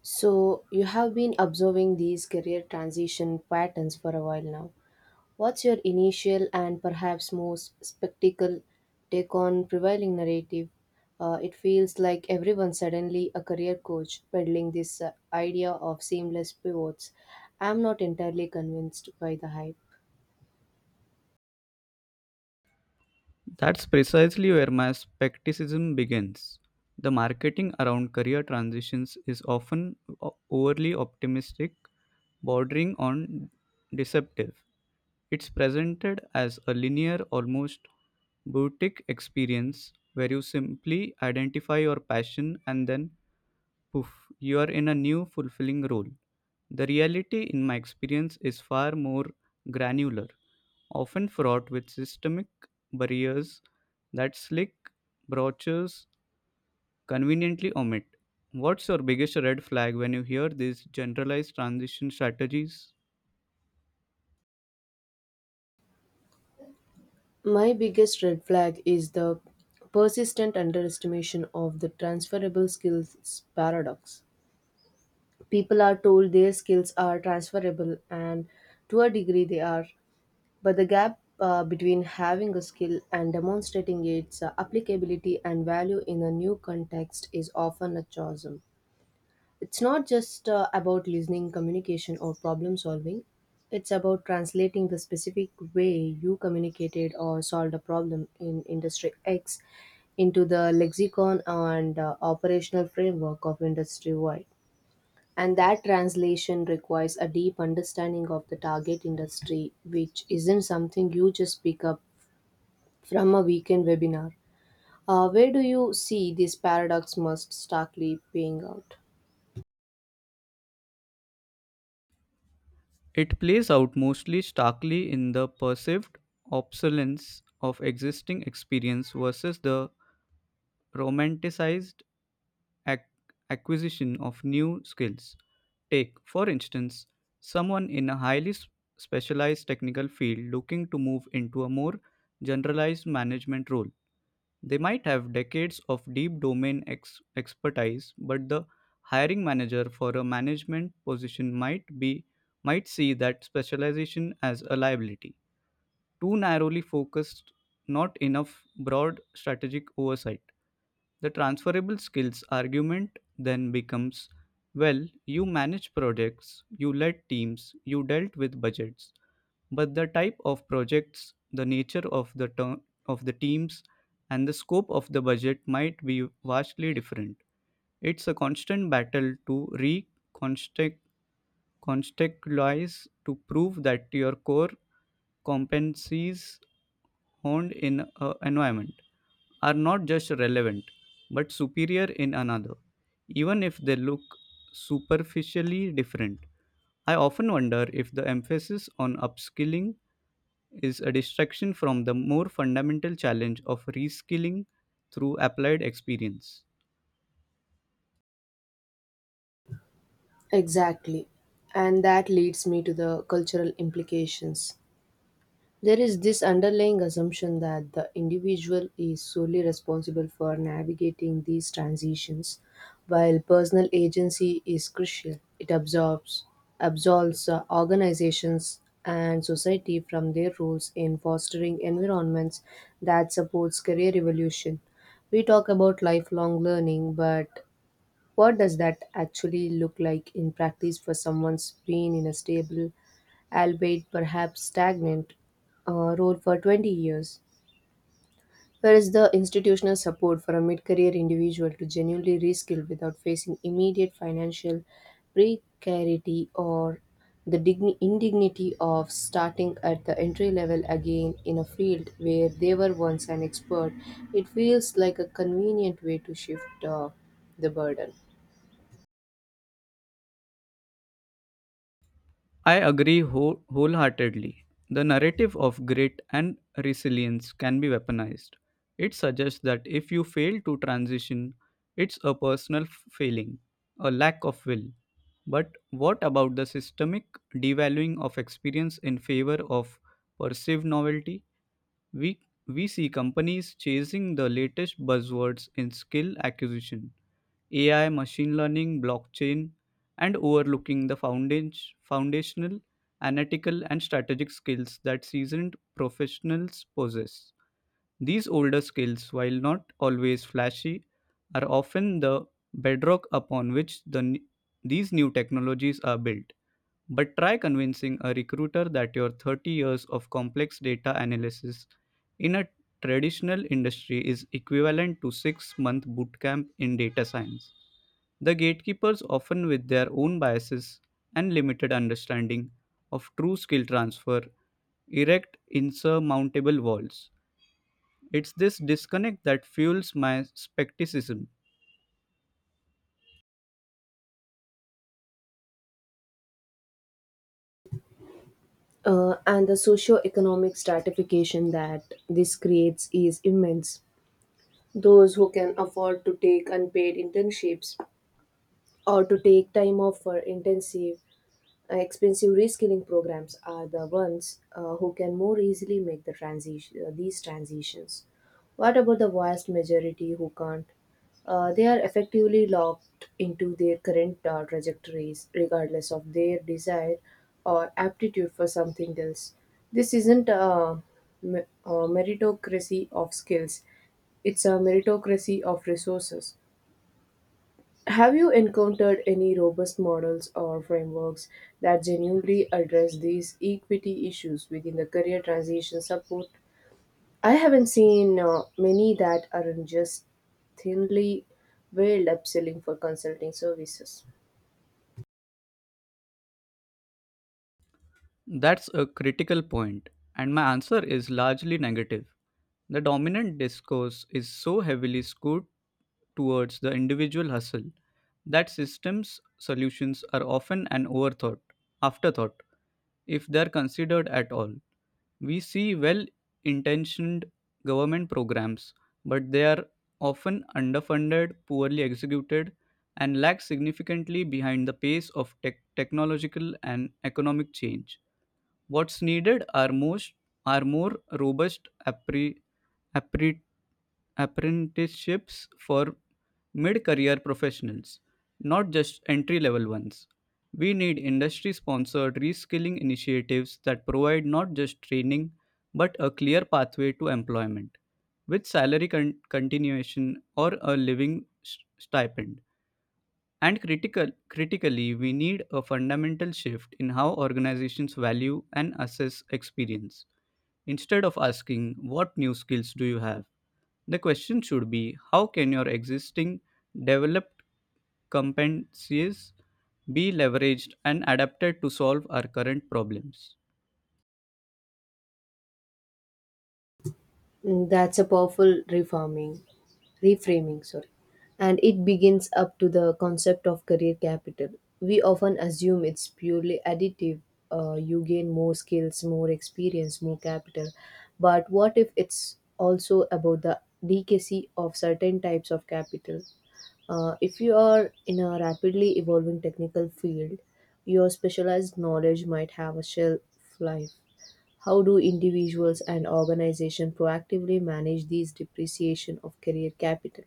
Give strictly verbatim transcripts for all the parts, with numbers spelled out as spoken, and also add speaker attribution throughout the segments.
Speaker 1: So, you have been observing these career transition patterns for a while now. What's your initial and perhaps most spectacle take on prevailing narrative? Uh, it feels like everyone suddenly a career coach peddling this uh, idea of seamless pivots. I'm not entirely convinced by the hype.
Speaker 2: That's precisely where my skepticism begins. The marketing around career transitions is often o- overly optimistic, bordering on deceptive. It's presented as a linear, almost boutique experience where you simply identify your passion and then poof, you are in a new fulfilling role. The reality, in my experience, is far more granular, often fraught with systemic barriers that slick brochures conveniently omit. What's your biggest red flag when you hear these generalized transition strategies?
Speaker 1: My biggest red flag is the persistent underestimation of the transferable skills paradox. People are told their skills are transferable, and to a degree they are. But the gap uh, between having a skill and demonstrating its uh, applicability and value in a new context is often a chasm. It's not just uh, about listening, communication, or problem solving. It's about translating the specific way you communicated or solved a problem in industry X into the lexicon and uh, operational framework of industry Y. And that translation requires a deep understanding of the target industry, which isn't something you just pick up from a weekend webinar. Uh, where do you see this paradox most starkly paying out?
Speaker 2: It plays out mostly starkly in the perceived obsolescence of existing experience versus the romanticized ac- acquisition of new skills. Take, for instance, someone in a highly s- specialized technical field looking to move into a more generalized management role. They might have decades of deep domain ex- expertise, but the hiring manager for a management position might be might see that specialization as a liability, too narrowly focused, not enough broad strategic oversight. The transferable skills argument then becomes, well, you manage projects, you led teams, you dealt with budgets, but the type of projects, the nature of the ter- of the teams, and the scope of the budget might be vastly different. It's a constant battle to reconstruct, contextualize, to prove that your core competencies honed in an environment are not just relevant but superior in another, even if they look superficially different. I often wonder if the emphasis on upskilling is a distraction from the more fundamental challenge of reskilling through applied experience.
Speaker 1: Exactly. And that leads me to the cultural implications. There is this underlying assumption that the individual is solely responsible for navigating these transitions, while personal agency is crucial. It absorbs, absolves uh, organizations and society from their roles in fostering environments that supports career evolution. We talk about lifelong learning, but what does that actually look like in practice for someone's brain in a stable, albeit perhaps stagnant, uh, role for twenty years. Where is the institutional support for a mid career individual to genuinely reskill without facing immediate financial precarity or the digni- indignity of starting at the entry level again in a field where they were once an expert? It feels like a convenient way to shift uh, the burden.
Speaker 2: I agree whole- wholeheartedly. The narrative of grit and resilience can be weaponized. It suggests that if you fail to transition, it's a personal f- failing, a lack of will. But what about the systemic devaluing of experience in favor of perceived novelty? We, we see companies chasing the latest buzzwords in skill acquisition, A I, machine learning, blockchain, and overlooking the foundation, foundational, analytical, and strategic skills that seasoned professionals possess. These older skills, while not always flashy, are often the bedrock upon which the, n- these new technologies are built. But try convincing a recruiter that your thirty years of complex data analysis in a traditional industry is equivalent to 6 month bootcamp in data science. The gatekeepers, often with their own biases and limited understanding of true skill transfer, erect insurmountable walls. It's this disconnect that fuels my skepticism.
Speaker 1: Uh, and the socio-economic stratification that this creates is immense. Those who can afford to take unpaid internships or to take time off for intensive, uh, expensive reskilling programs are the ones uh, who can more easily make the transition, uh, these transitions. What about the vast majority who can't? Uh, they are effectively locked into their current uh, trajectories, regardless of their desire or aptitude for something else. This isn't a, me- a meritocracy of skills, it's a meritocracy of resources. Have you encountered any robust models or frameworks that genuinely address these equity issues within the career transition support? I haven't seen uh, many that aren't just thinly veiled upselling for consulting services.
Speaker 2: That's a critical point, and my answer is largely negative. The dominant discourse is so heavily skewed towards the individual hustle that systems solutions are often an overthought, afterthought, if they're considered at all. We see well intentioned government programs, but they are often underfunded, poorly executed, and lag significantly behind the pace of tech- technological and economic change. What's needed are most are more robust appre, appre, apprenticeships for mid-career professionals, not just entry-level ones. We need industry-sponsored reskilling initiatives that provide not just training but a clear pathway to employment with salary con- continuation or a living s- stipend. And critical, critically, we need a fundamental shift in how organizations value and assess experience. Instead of asking, "What new skills do you have?" the question should be, "How can your existing developed competencies be leveraged and adapted to solve our current problems?"
Speaker 1: Mm, that's a powerful reforming. reframing, sorry, and it begins up to the concept of career capital. We often assume it's purely additive, uh, you gain more skills, more experience, more capital, but what if it's also about the decacy of certain types of capital? Uh, if you are in a rapidly evolving technical field, your specialized knowledge might have a shelf life. How do individuals and organizations proactively manage these depreciation of career capital?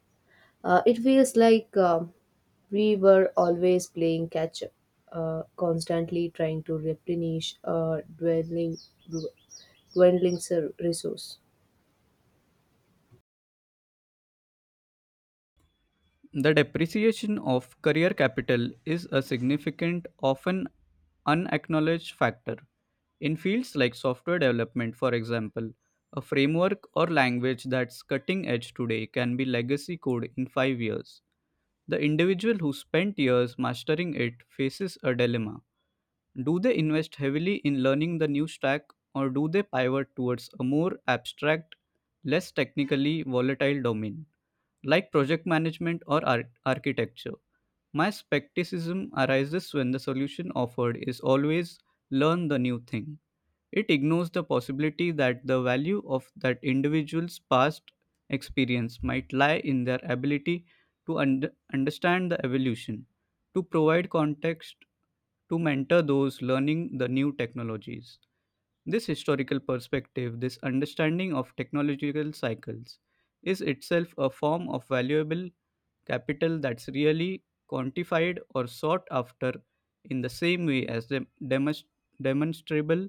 Speaker 1: uh, It feels like um we were always playing catch up, uh, constantly trying to replenish a dwindling, dwindling ser- resource.
Speaker 2: The depreciation of career capital is a significant, often unacknowledged factor. In fields like software development, for example, a framework or language that's cutting edge today can be legacy code in five years. The individual who spent years mastering it faces a dilemma. Do they invest heavily in learning the new stack, or do they pivot towards a more abstract, less technically volatile domain, like project management or ar- architecture? My skepticism arises when the solution offered is always, learn the new thing. It ignores the possibility that the value of that individual's past experience might lie in their ability to und- understand the evolution, to provide context, to mentor those learning the new technologies. This historical perspective, this understanding of technological cycles, is itself a form of valuable capital that's really quantified or sought after in the same way as the demonst- demonstrable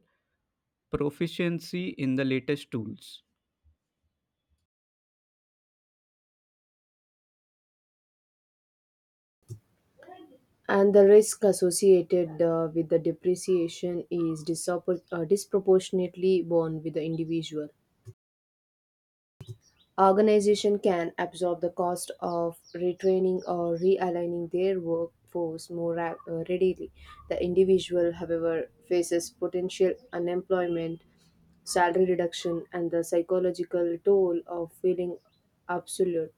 Speaker 2: proficiency in the latest tools.
Speaker 1: And the risk associated uh, with the depreciation is disoppor- uh, disproportionately borne with the individual. Organization can absorb the cost of retraining or realigning their workforce more ra- uh, readily. The individual, however, faces potential unemployment, salary reduction, and the psychological toll of feeling absolute.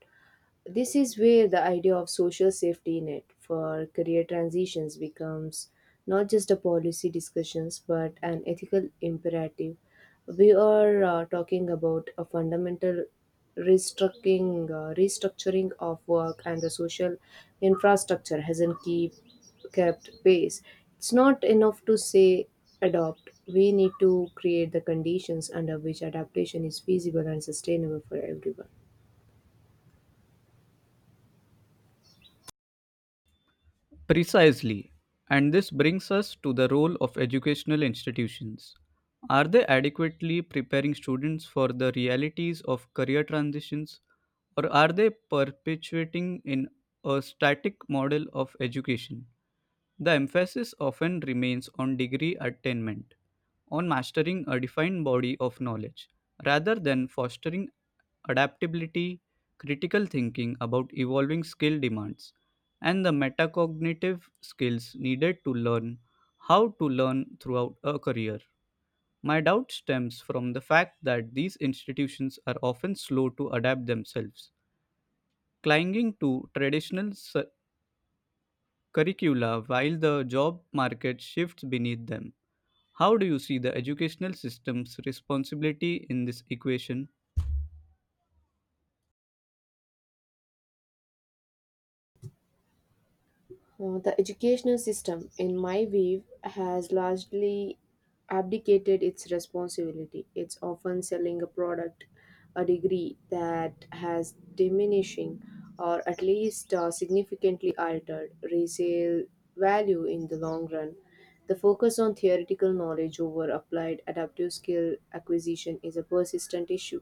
Speaker 1: This is where the idea of social safety net for career transitions becomes not just a policy discussions but an ethical imperative. We are uh, talking about a fundamental restructuring, uh, restructuring of work, and the social infrastructure hasn't keep, kept pace. It's not enough to say adopt. We need to create the conditions under which adaptation is feasible and sustainable for everyone.
Speaker 2: Precisely. And this brings us to the role of educational institutions. Are they adequately preparing students for the realities of career transitions, or are they perpetuating in a static model of education? The emphasis often remains on degree attainment, on mastering a defined body of knowledge, rather than fostering adaptability, critical thinking about evolving skill demands, and the metacognitive skills needed to learn how to learn throughout a career. My doubt stems from the fact that these institutions are often slow to adapt themselves, clinging to traditional s- curricula while the job market shifts beneath them. How do you see the educational system's responsibility in this equation?
Speaker 1: Uh, the educational system, in my view, has largely abdicated its responsibility. It's often selling a product, a degree that has diminishing or at least uh, significantly altered resale value in the long run. The focus on theoretical knowledge over applied adaptive skill acquisition is a persistent issue.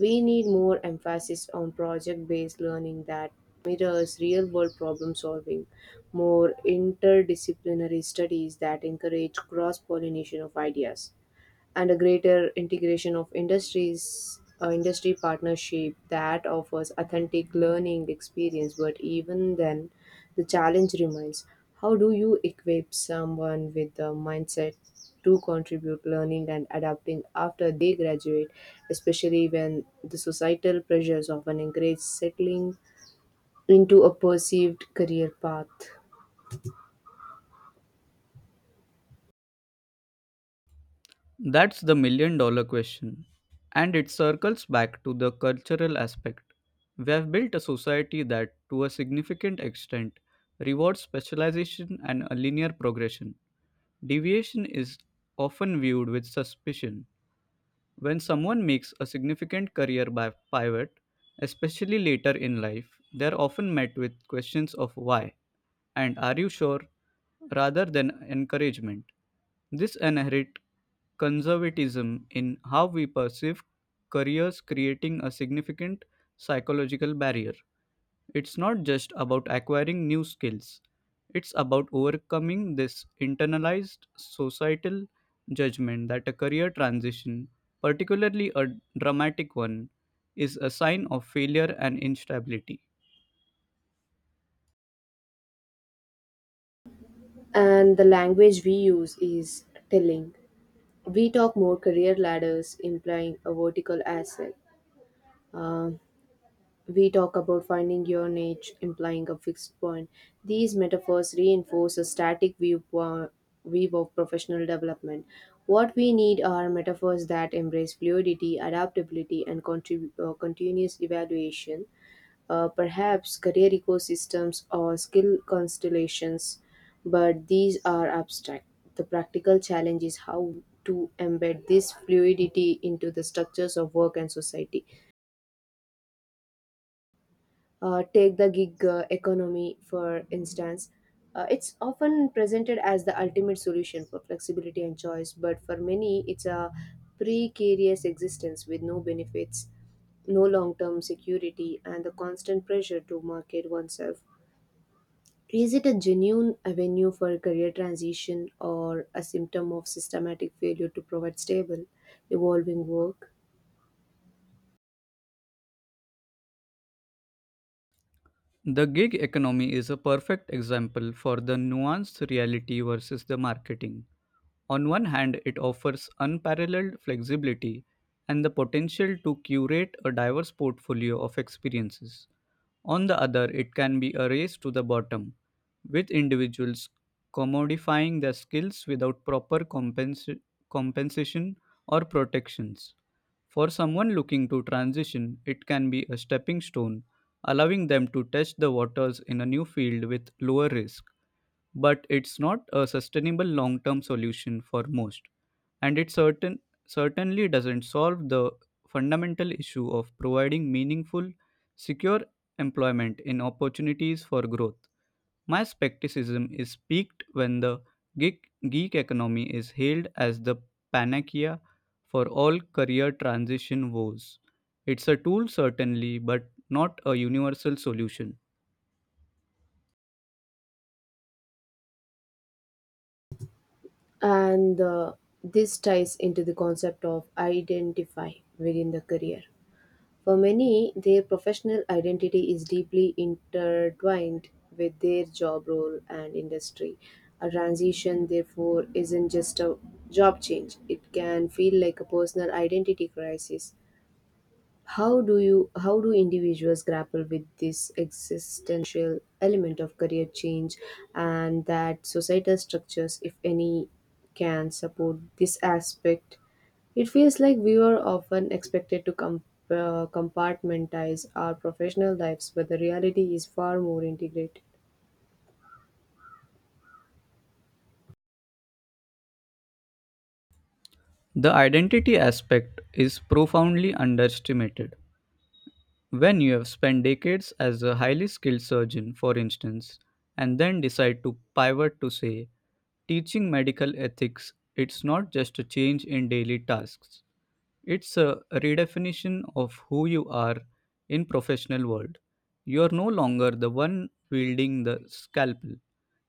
Speaker 1: We need more emphasis on project based learning that mirrors real world problem solving, more interdisciplinary studies that encourage cross pollination of ideas, and a greater integration of industries uh, industry partnership that offers authentic learning experience. But even then the challenge remains: how do you equip someone with the mindset to contribute learning and adapting after they graduate, especially when the societal pressures often encourage settling into a perceived career path?
Speaker 2: That's the million dollar question. And it circles back to the cultural aspect. We have built a society that, to a significant extent, rewards specialization and a linear progression. Deviation is often viewed with suspicion. When someone makes a significant career bi- pivot, especially later in life, they're often met with questions of why and are you sure rather than encouragement. This inherent conservatism in how we perceive careers creating a significant psychological barrier. It's not just about acquiring new skills, it's about overcoming this internalized societal judgment that a career transition, particularly a dramatic one, is a sign of failure and instability.
Speaker 1: And the language we use is telling. We talk more career ladders, implying a vertical ascent. Um, we talk about finding your niche, implying a fixed point. These metaphors reinforce a static view, po- view of professional development. What we need are metaphors that embrace fluidity, adaptability, and contrib- uh, continuous evaluation, uh, perhaps career ecosystems or skill constellations, but these are abstract. The practical challenge is how to embed this fluidity into the structures of work and society. Uh, take the gig uh, economy, for instance. Uh, it's often presented as the ultimate solution for flexibility and choice, but for many, it's a precarious existence with no benefits, no long term security, and the constant pressure to market oneself. Is it a genuine avenue for career transition or a symptom of systematic failure to provide stable, evolving work?
Speaker 2: The gig economy is a perfect example for the nuanced reality versus the marketing. On one hand, it offers unparalleled flexibility and the potential to curate a diverse portfolio of experiences. On the other, it can be a race to the bottom, with individuals commodifying their skills without proper compensa- compensation or protections. For someone looking to transition, it can be a stepping stone, allowing them to test the waters in a new field with lower risk. But it's not a sustainable long term solution for most, and it certain certainly doesn't solve the fundamental issue of providing meaningful, secure employment in opportunities for growth. My skepticism is peaked when the geek, geek economy is hailed as the panacea for all career transition woes. It's a tool, certainly, but not a universal solution.
Speaker 1: And uh, this ties into the concept of identify within the career. For many, their professional identity is deeply intertwined with their job role and industry. A transition, therefore, isn't just a job change, it can feel like a personal identity crisis. How do you how do individuals grapple with this existential element of career change, and that societal structures, if any, can support this aspect? It feels like we are often expected to com- uh, compartmentalize our professional lives, but the reality is far more integrated.
Speaker 2: The identity aspect is profoundly underestimated. When you have spent decades as a highly skilled surgeon, for instance, and then decide to pivot to, say, teaching medical ethics, it's not just a change in daily tasks. It's a redefinition of who you are in professional world. You are no longer the one wielding the scalpel.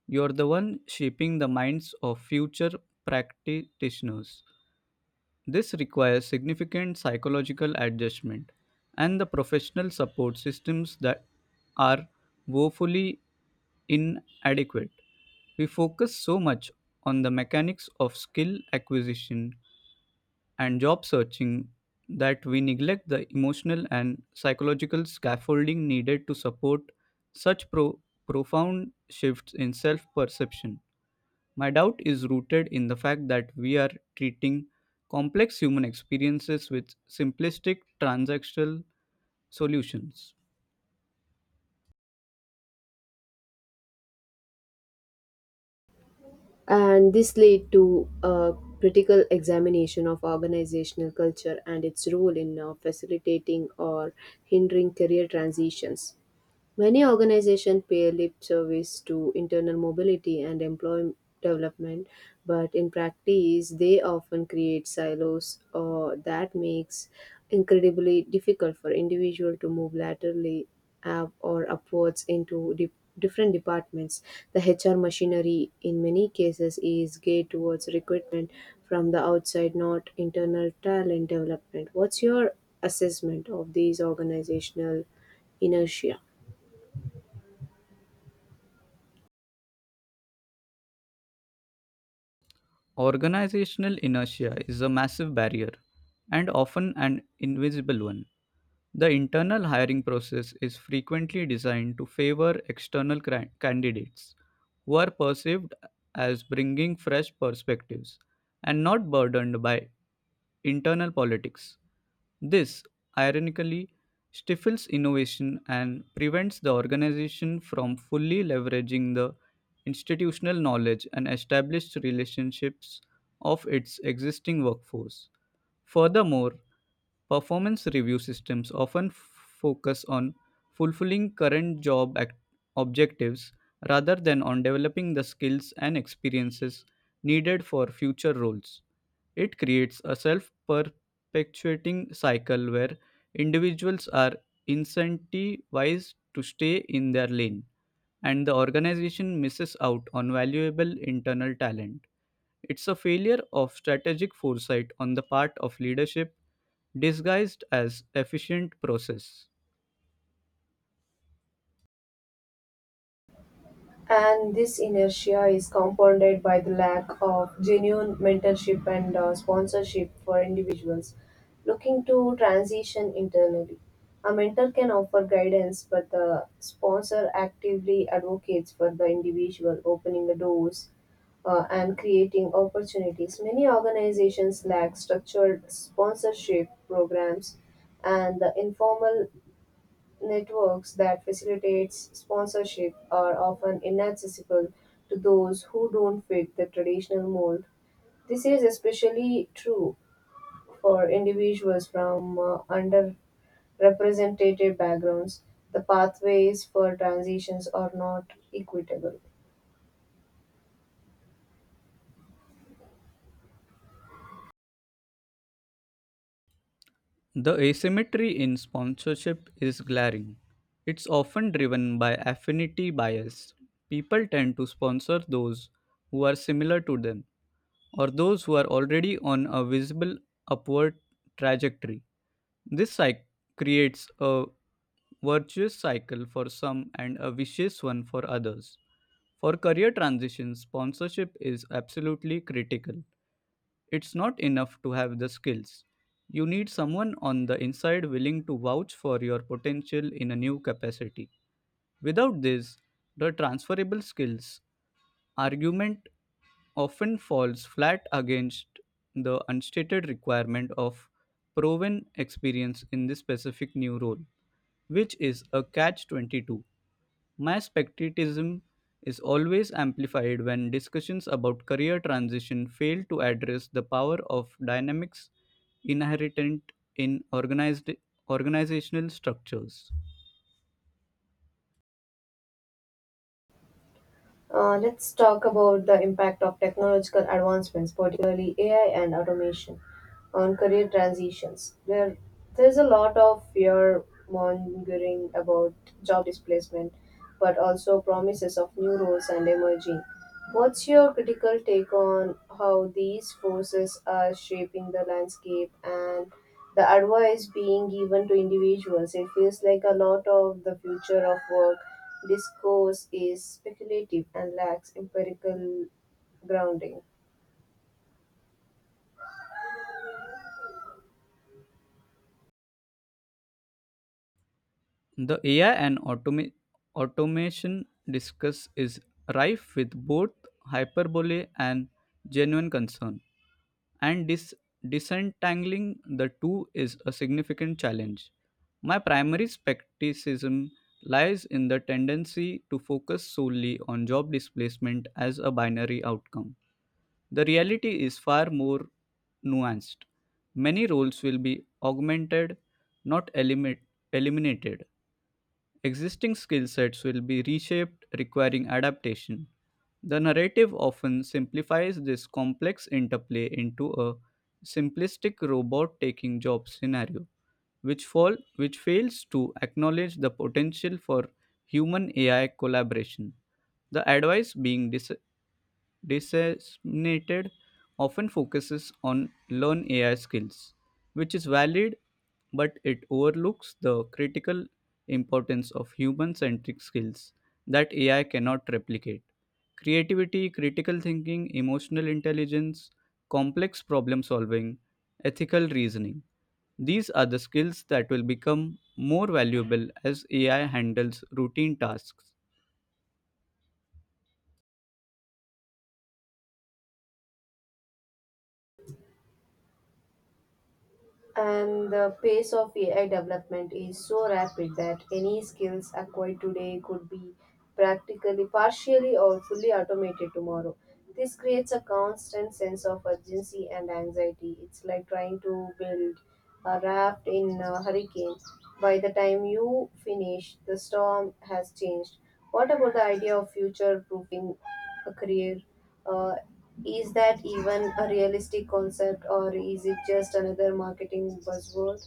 Speaker 2: You are the one shaping the minds of future practitioners. This requires significant psychological adjustment, and the professional support systems that are woefully inadequate. We focus so much on the mechanics of skill acquisition and job searching that we neglect the emotional and psychological scaffolding needed to support such pro- profound shifts in self perception. My doubt is rooted in the fact that we are treating complex human experiences with simplistic transactional solutions.
Speaker 1: And this led to a critical examination of organizational culture and its role in uh, facilitating or hindering career transitions. Many organizations pay lip service to internal mobility and employment development, but in practice, they often create silos or that makes incredibly difficult for individual to move laterally up or upwards into di- different departments. The H R machinery in many cases is geared towards recruitment from the outside, not internal talent development. What's your assessment of these organizational inertia?
Speaker 2: Organizational inertia is a massive barrier and often an invisible one. The internal hiring process is frequently designed to favor external cra- candidates who are perceived as bringing fresh perspectives and not burdened by internal politics. This, ironically, stifles innovation and prevents the organization from fully leveraging the institutional knowledge and established relationships of its existing workforce. Furthermore, performance review systems often f- focus on fulfilling current job act- objectives rather than on developing the skills and experiences needed for future roles. It creates a self perpetuating cycle where individuals are incentivized to stay in their lane and the organization misses out on valuable internal talent. It's a failure of strategic foresight on the part of leadership disguised as efficient process.
Speaker 1: And this inertia is compounded by the lack of genuine mentorship and uh, sponsorship for individuals looking to transition internally. A mentor can offer guidance, but the sponsor actively advocates for the individual, opening the doors uh, and creating opportunities. Many organizations lack structured sponsorship programs, and the informal networks that facilitates sponsorship are often inaccessible to those who don't fit the traditional mold. This is especially true for individuals from uh, underrepresented backgrounds. The pathways for transitions are not equitable.
Speaker 2: The asymmetry in sponsorship is glaring. It's often driven by affinity bias. People tend to sponsor those who are similar to them or those who are already on a visible upward trajectory. This cycle creates a virtuous cycle for some and a vicious one for others. For career transitions, sponsorship is absolutely critical. It's not enough to have the skills. You need someone on the inside willing to vouch for your potential in a new capacity. Without this, the transferable skills argument often falls flat against the unstated requirement of proven experience in this specific new role, which is a catch twenty-two. My spectatism is always amplified when discussions about career transition fail to address the power of dynamics inherent in organized organizational structures.
Speaker 1: Uh, let's talk about the impact of technological advancements, particularly A I and automation, on career transitions. There, there's a lot of fear mongering about job displacement, but also promises of new roles and emerging. What's your critical take on how these forces are shaping the landscape and the advice being given to individuals? It feels like a lot of the future of work discourse is speculative and lacks empirical grounding.
Speaker 2: The A I and automa- automation discuss is rife with both hyperbole and genuine concern, and dis- disentangling the two is a significant challenge. My primary skepticism lies in the tendency to focus solely on job displacement as a binary outcome. The reality is far more nuanced. Many roles will be augmented, not elimi- eliminated. Existing skill sets will be reshaped, requiring adaptation. The narrative often simplifies this complex interplay into a simplistic robot taking job scenario, which, fall, which fails to acknowledge the potential for human A I collaboration. The advice being dis- designated often focuses on learn A I skills, which is valid, but it overlooks the critical importance of human centric skills that A I cannot replicate. Creativity, critical thinking, emotional intelligence, complex problem solving, ethical reasoning. These are the skills that will become more valuable as A I handles routine tasks.
Speaker 1: And the pace of A I development is so rapid that any skills acquired today could be practically partially or fully automated tomorrow. This creates a constant sense of urgency and anxiety. It's like trying to build a raft in a hurricane. By the time you finish, the storm has changed. What about the idea of future proofing a career? Uh, is that even a realistic concept or is it just another marketing buzzword?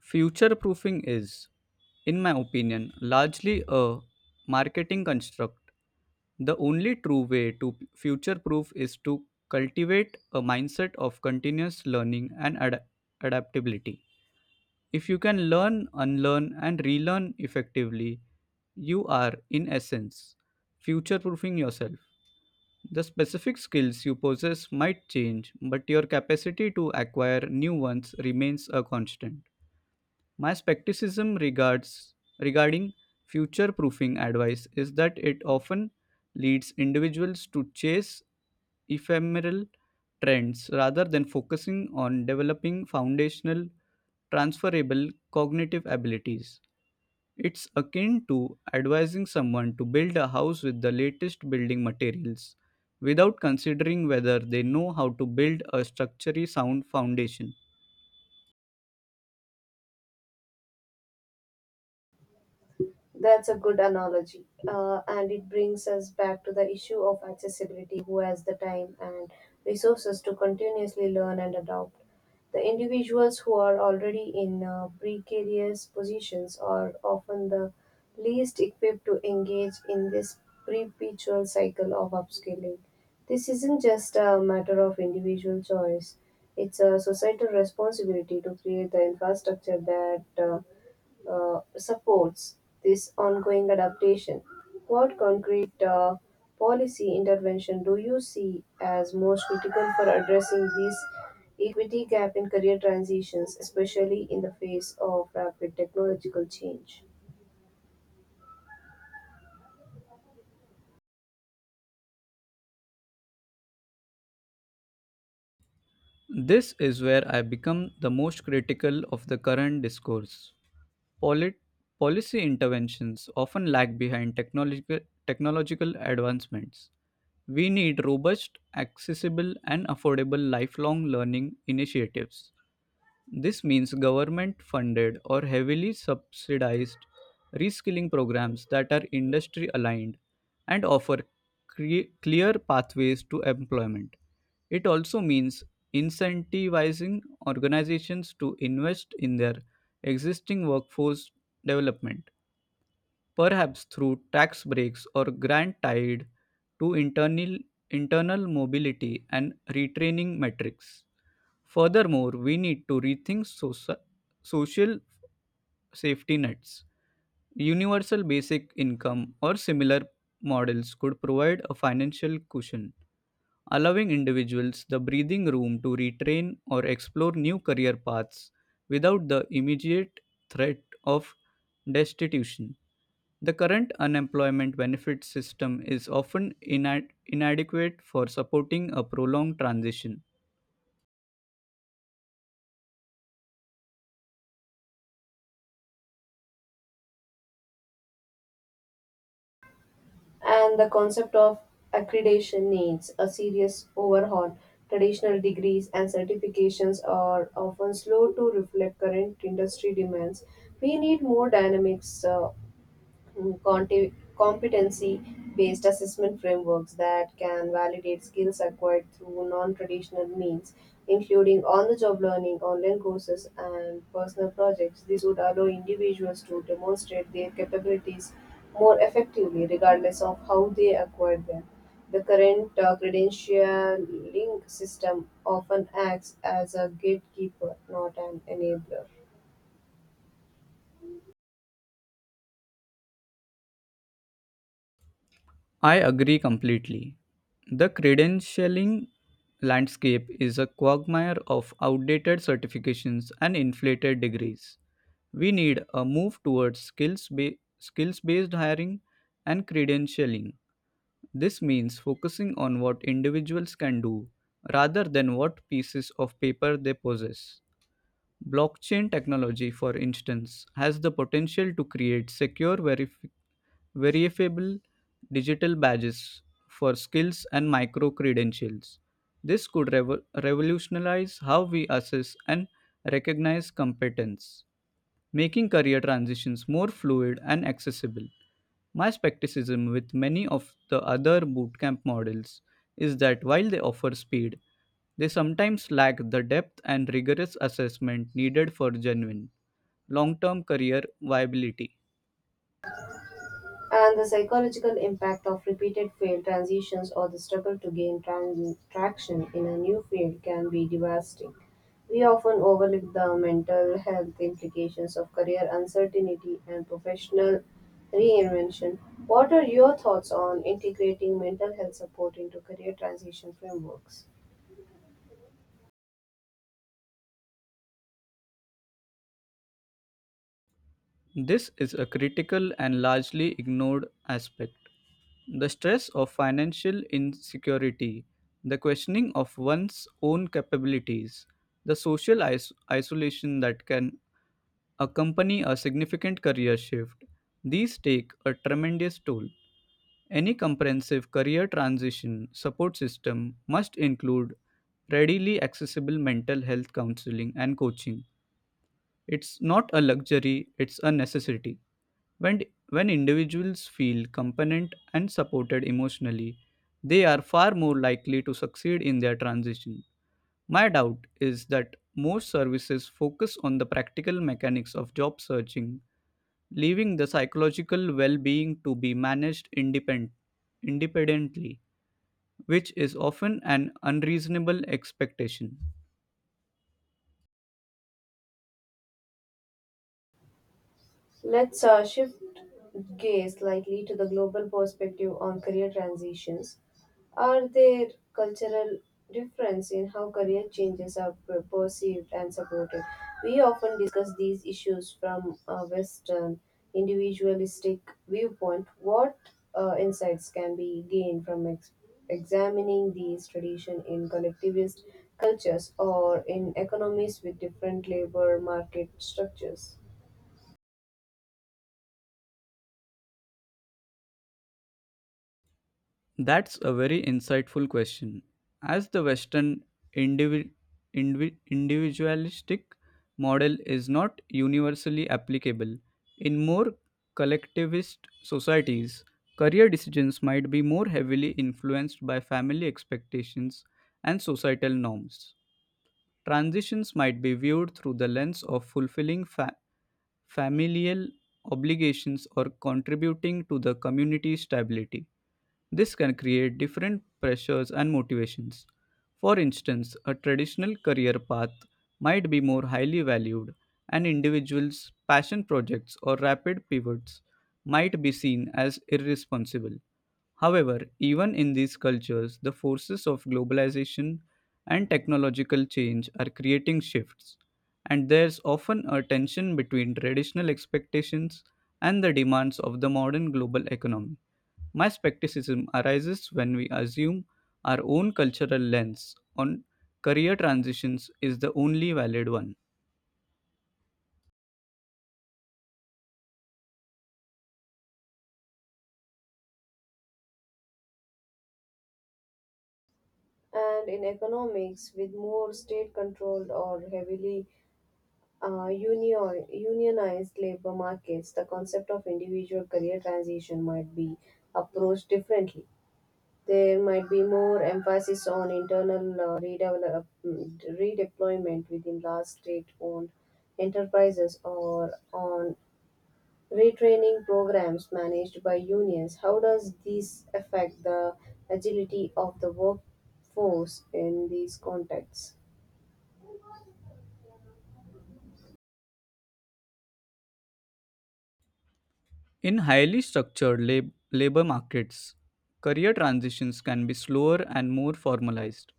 Speaker 2: Future proofing is, in my opinion, largely a marketing construct. The only true way to future proof is to cultivate a mindset of continuous learning and ad- adaptability. If you can learn, unlearn, and relearn effectively, you are, in essence, future proofing yourself. The specific skills you possess might change, but your capacity to acquire new ones remains a constant. My skepticism regards regarding future proofing advice is that it often leads individuals to chase ephemeral trends rather than focusing on developing foundational transferable cognitive abilities. It's akin to advising someone to build a house with the latest building materials without considering whether they know how to build a structurally sound foundation.
Speaker 1: That's a good analogy. Uh, and it brings us back to the issue of accessibility. Who has the time and resources to continuously learn and adopt? The individuals who are already in uh, precarious positions are often the least equipped to engage in this perpetual cycle of upskilling. This isn't just a matter of individual choice, it's a societal responsibility to create the infrastructure that uh, uh, supports this ongoing adaptation? What concrete uh, policy intervention do you see as most critical for addressing this equity gap in career transitions, especially in the face of rapid technological change?
Speaker 2: This is where I become the most critical of the current discourse. Polit- Policy interventions often lag behind technological, technological advancements. We need robust, accessible, and affordable lifelong learning initiatives. This means government funded or heavily subsidized reskilling programs that are industry aligned and offer cre- clear pathways to employment. It also means incentivizing organizations to invest in their existing workforce development, perhaps through tax breaks or grant tied to internal, internal mobility and retraining metrics. Furthermore, we need to rethink soci- social safety nets. Universal basic income or similar models could provide a financial cushion, allowing individuals the breathing room to retrain or explore new career paths without the immediate threat of destitution. The current unemployment benefit system is often ina- inadequate for supporting a prolonged transition.
Speaker 1: And the concept of accreditation needs a serious overhaul. Traditional degrees and certifications are often slow to reflect current industry demands. We need more dynamics uh, conti- competency based assessment frameworks that can validate skills acquired through non traditional means, including on the job learning, online courses, and personal projects. This would allow individuals to demonstrate their capabilities more effectively, regardless of how they acquired them. The current uh, credentialing system often acts as a gatekeeper, not an enabler.
Speaker 2: I agree completely. The credentialing landscape is a quagmire of outdated certifications and inflated degrees. We need a move towards skills ba- skills based hiring and credentialing. This means focusing on what individuals can do rather than what pieces of paper they possess. Blockchain technology, for instance, has the potential to create secure verifi- verifiable digital badges for skills and micro credentials. This could revo- revolutionize how we assess and recognize competence, making career transitions more fluid and accessible. My skepticism with many of the other bootcamp models is that while they offer speed, they sometimes lack the depth and rigorous assessment needed for genuine long term career viability.
Speaker 1: And the psychological impact of repeated failed transitions or the struggle to gain tran- traction in a new field can be devastating. We often overlook the mental health implications of career uncertainty and professional reinvention. What are your thoughts on integrating mental health support into career transition frameworks?
Speaker 2: This is a critical and largely ignored aspect. The stress of financial insecurity, the questioning of one's own capabilities, the social is- isolation that can accompany a significant career shift. These take a tremendous toll. Any comprehensive career transition support system must include readily accessible mental health counseling and coaching. It's not a luxury, it's a necessity. When, when individuals feel competent and supported emotionally, they are far more likely to succeed in their transition. My doubt is that most services focus on the practical mechanics of job searching, leaving the psychological well being to be managed independ- independently, which is often an unreasonable expectation.
Speaker 1: Let's uh, shift gaze slightly to the global perspective on career transitions. Are there cultural difference in how career changes are per- perceived and supported? We often discuss these issues from a Western individualistic viewpoint. What uh, insights can be gained from ex- examining these traditions in collectivist cultures or in economies with different labor market structures?
Speaker 2: That's a very insightful question. As the Western indivi- indivi- individualistic model is not universally applicable, in more collectivist societies, career decisions might be more heavily influenced by family expectations and societal norms. Transitions might be viewed through the lens of fulfilling fa- familial obligations or contributing to the community's stability. This can create different pressures and motivations. For instance, a traditional career path might be more highly valued, and individuals' passion projects or rapid pivots might be seen as irresponsible. However, even in these cultures, the forces of globalization and technological change are creating shifts, and there's often a tension between traditional expectations and the demands of the modern global economy. My skepticism arises when we assume our own cultural lens on career transitions is the only valid one.
Speaker 1: And in economics, with more state controlled or heavily uh, union, unionized labor markets, the concept of individual career transition might be approached differently. There might be more emphasis on internal uh, redevelop, mm, redeployment within large state owned enterprises or on retraining programs managed by unions. How does this affect the agility of the workforce in these contexts?
Speaker 2: In highly structured lab- labor markets, career transitions can be slower and more formalized.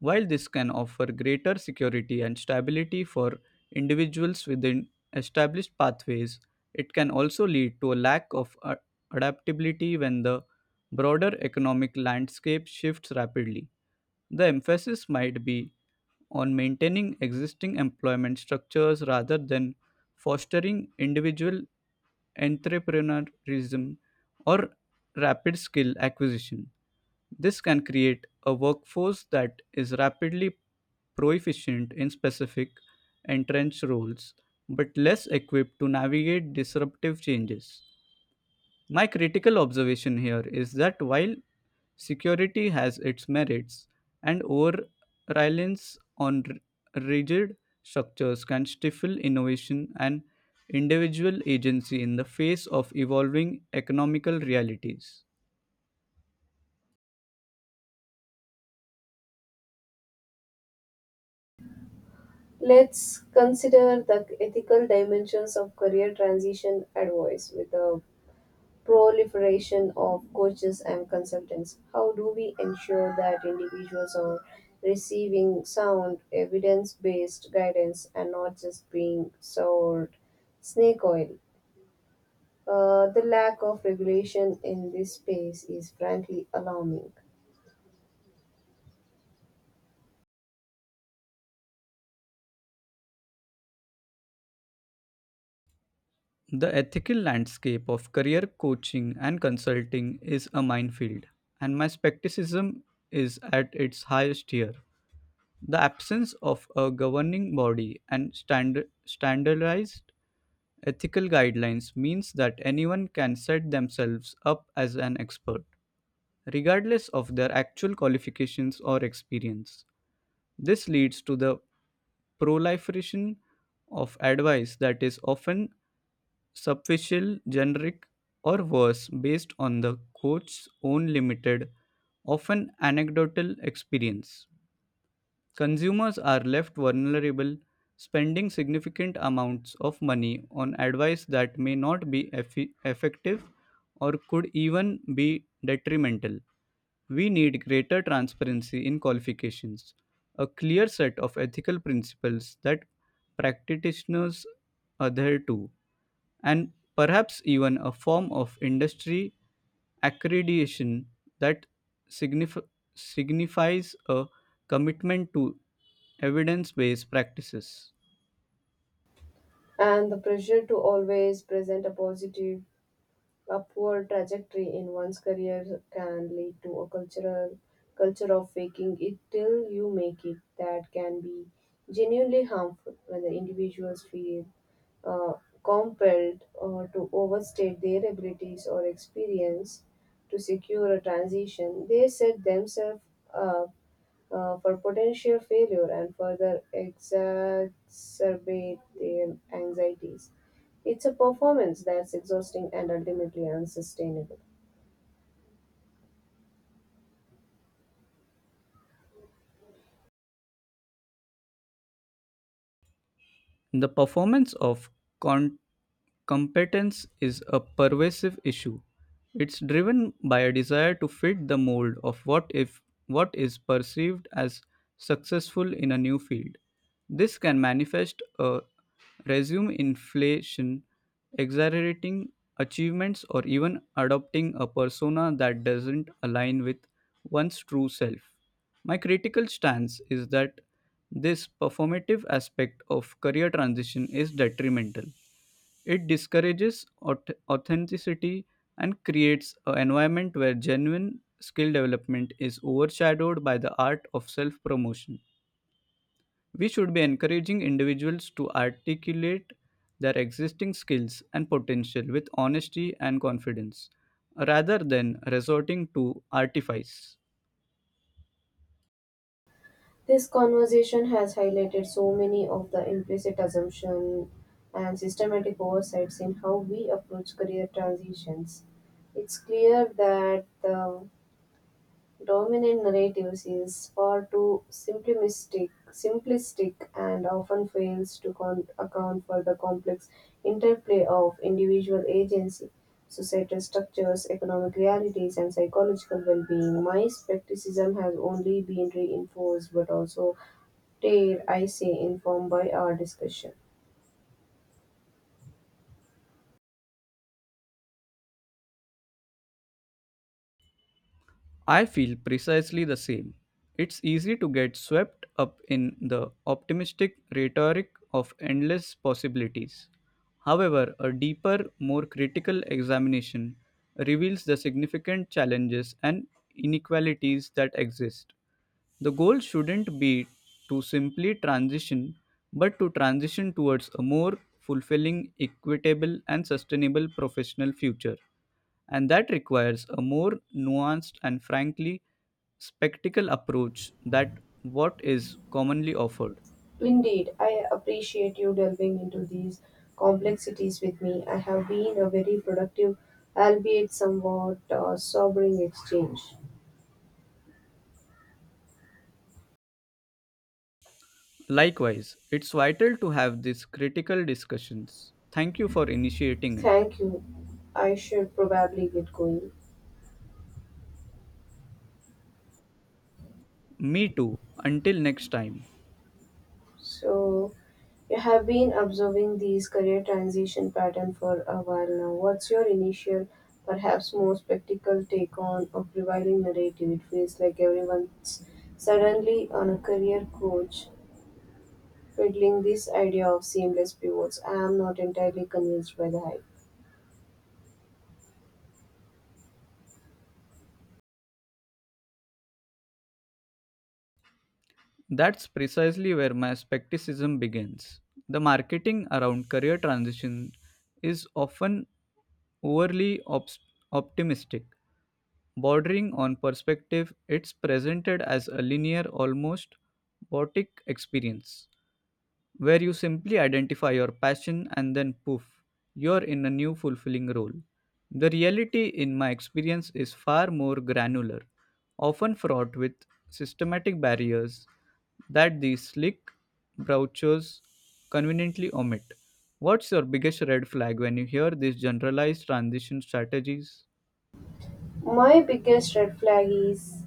Speaker 2: While this can offer greater security and stability for individuals within established pathways, it can also lead to a lack of a- adaptability when the broader economic landscape shifts rapidly. The emphasis might be on maintaining existing employment structures rather than fostering individual entrepreneurism or rapid skill acquisition. This can create a workforce that is rapidly proficient in specific entrenched roles but less equipped to navigate disruptive changes. My critical observation here is that while security has its merits, and over reliance on r- rigid structures can stifle innovation and individual agency in the face of evolving economical realities.
Speaker 1: Let's consider the ethical dimensions of career transition advice with the proliferation of coaches and consultants. How do we ensure that individuals are receiving sound, evidence based guidance and not just being sold snake oil? Uh, the lack of regulation in this space is frankly alarming,
Speaker 2: The ethical landscape of career coaching and consulting is a minefield, and my skepticism is at its highest here. The absence of a governing body and stand- standardized ethical guidelines means that anyone can set themselves up as an expert, regardless of their actual qualifications or experience. This leads to the proliferation of advice that is often superficial, generic, or worse, based on the coach's own limited, often anecdotal experience. Consumers are left vulnerable, spending significant amounts of money on advice that may not be effi- effective or could even be detrimental. We need greater transparency in qualifications, a clear set of ethical principles that practitioners adhere to, and perhaps even a form of industry accreditation that signif- signifies a commitment to evidence based practices.
Speaker 1: and the pressure to always present a positive upward trajectory in one's career can lead to a cultural culture of faking it till you make it that can be genuinely harmful. When the individuals feel uh, compelled uh, to overstate their abilities or experience to secure a transition, they set themselves up uh, for potential failure and further exacerbate their anxieties. It's a performance that's exhausting and ultimately unsustainable.
Speaker 2: The performance of con- competence is a pervasive issue. It's driven by a desire to fit the mold of what if what is perceived as successful in a new field. This can manifest a resume inflation, exaggerating achievements or even adopting a persona that doesn't align with one's true self. My critical stance is that this performative aspect of career transition is detrimental. It discourages auth- authenticity and creates an environment where genuine skill development is overshadowed by the art of self promotion. We should be encouraging individuals to articulate their existing skills and potential with honesty and confidence rather than resorting to artifice.
Speaker 1: This conversation has highlighted so many of the implicit assumptions and systematic oversights in how we approach career transitions. It's clear that the dominant narratives is far too simplistic, simplistic and often fails to con- account for the complex interplay of individual agency, societal structures, economic realities, and psychological well-being. My skepticism has only been reinforced, but also, dare I say, informed by our discussion.
Speaker 2: I feel precisely the same. It's easy to get swept up in the optimistic rhetoric of endless possibilities. However, a deeper, more critical examination reveals the significant challenges and inequalities that exist. The goal shouldn't be to simply transition, but to transition towards a more fulfilling, equitable, and sustainable professional future. And that requires a more nuanced and frankly spectacle approach that what is commonly offered.
Speaker 1: Indeed, I appreciate you delving into these complexities with me. I have been a very productive, albeit somewhat uh, sobering exchange.
Speaker 2: Likewise, it's vital to have these critical discussions. Thank you for initiating it.
Speaker 1: Thank you. I should probably get going.
Speaker 2: Me too. Until next time.
Speaker 1: So, you have been observing these career transition pattern for a while now. What's your initial, perhaps more practical take on a prevailing narrative? It feels like everyone's suddenly on a career coach fiddling this idea of seamless pivots. I am not entirely convinced by the hype.
Speaker 2: That's precisely where my skepticism begins. The marketing around career transition is often overly obs- optimistic, bordering on perspective. It's presented as a linear, almost boutique experience where you simply identify your passion and then poof, you're in a new fulfilling role. The reality, in my experience, is far more granular, often fraught with systematic barriers that these slick brochures conveniently omit. What's your biggest red flag when you hear these generalized transition strategies?
Speaker 1: My biggest red flag is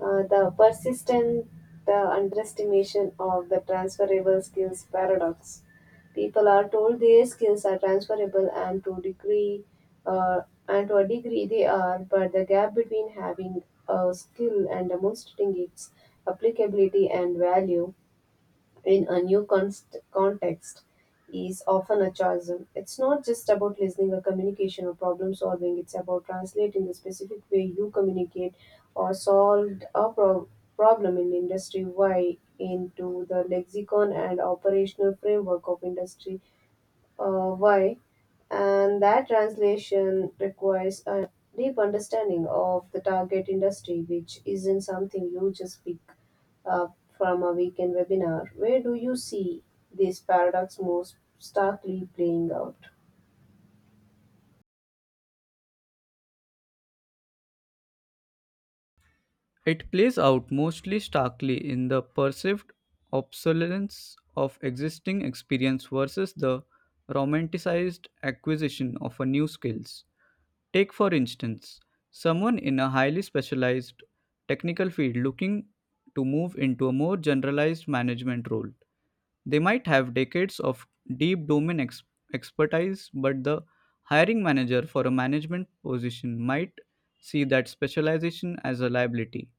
Speaker 1: uh, the persistent the underestimation of the transferable skills paradox. People are told their skills are transferable and to degree uh, and to a degree they are, but the gap between having a skill and demonstrating its applicability and value in a new const- context is often a chasm. It's not just about listening or communication or problem solving, it's about translating the specific way you communicate or solved a pro- problem in industry Y into the lexicon and operational framework of industry uh, Y, and that translation requires a deep understanding of the target industry, which isn't something you just pick up from a weekend webinar. Where do you see this paradox most starkly playing out?
Speaker 2: It plays out mostly starkly in the perceived obsolescence of existing experience versus the romanticized acquisition of a new skills. Take, for instance, someone in a highly specialized technical field looking to move into a more generalized management role. They might have decades of deep domain ex- expertise, but the hiring manager for a management position might see that specialization as a liability,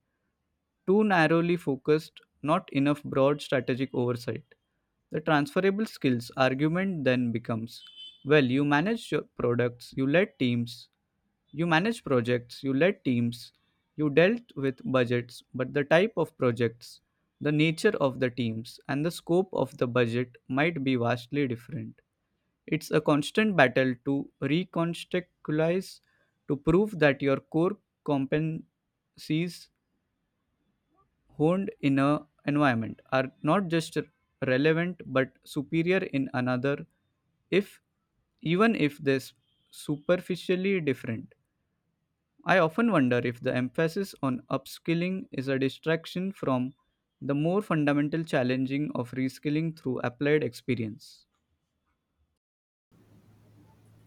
Speaker 2: too narrowly focused, not enough broad strategic oversight. The transferable skills argument then becomes, well, you manage your products, you led teams, you manage projects, you led teams, you dealt with budgets, but the type of projects, the nature of the teams, and the scope of the budget might be vastly different. It's a constant battle to recontextualize, to prove that your core competencies honed in a environment are not just relevant but superior in another, if even if they're s- superficially different. I often wonder if the emphasis on upskilling is a distraction from the more fundamental challenging of reskilling through applied experience.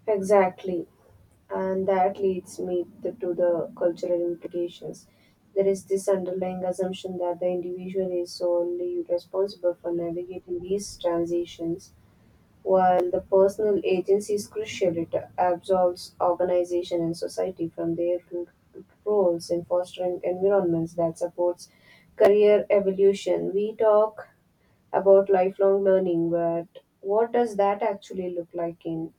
Speaker 1: Exactly, and that leads me th- to the cultural implications. There is this underlying assumption that the individual is solely responsible for navigating these transitions. While the personal agency is crucial, it absolves organization and society from their roles in fostering environments that supports career evolution. We talk about lifelong learning, but what does that actually look like in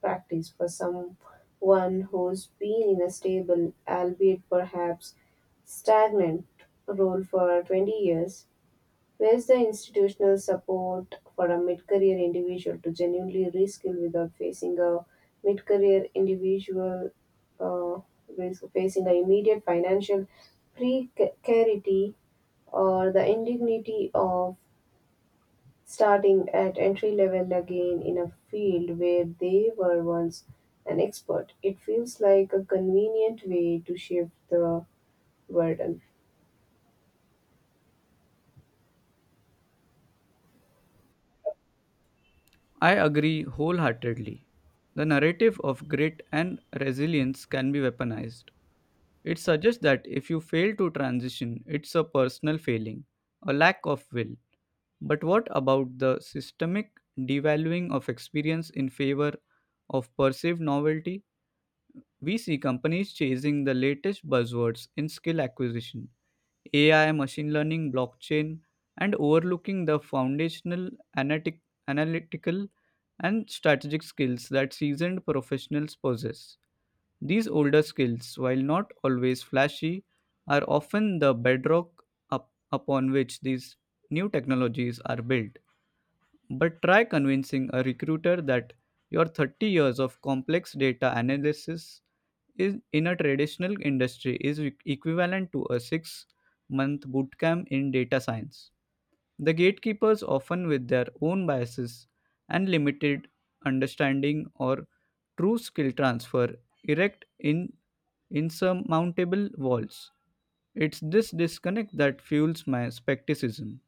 Speaker 1: practice for someone who's been in a stable, albeit perhaps stagnant, role for twenty years? Where's the institutional support for a mid career individual to genuinely reskill without facing a mid career individual uh, with facing an immediate financial precarity or the indignity of starting at entry level again in a field where they were once an expert? It feels like a convenient way to shift the burden.
Speaker 2: I agree wholeheartedly. The narrative of grit and resilience can be weaponized. It suggests that if you fail to transition, it's a personal failing, a lack of will. But what about the systemic devaluing of experience in favor of perceived novelty? We see companies chasing the latest buzzwords in skill acquisition, A I, machine learning, blockchain, and overlooking the foundational analytic, analytical and strategic skills that seasoned professionals possess. These older skills, while not always flashy, are often the bedrock up, upon which these new technologies are built. But try convincing a recruiter that your thirty years of complex data analysis is in a traditional industry is e- equivalent to a six month bootcamp in data science. The gatekeepers, often with their own biases and limited understanding or true skill transfer, erect in insurmountable walls. It's this disconnect that fuels my skepticism.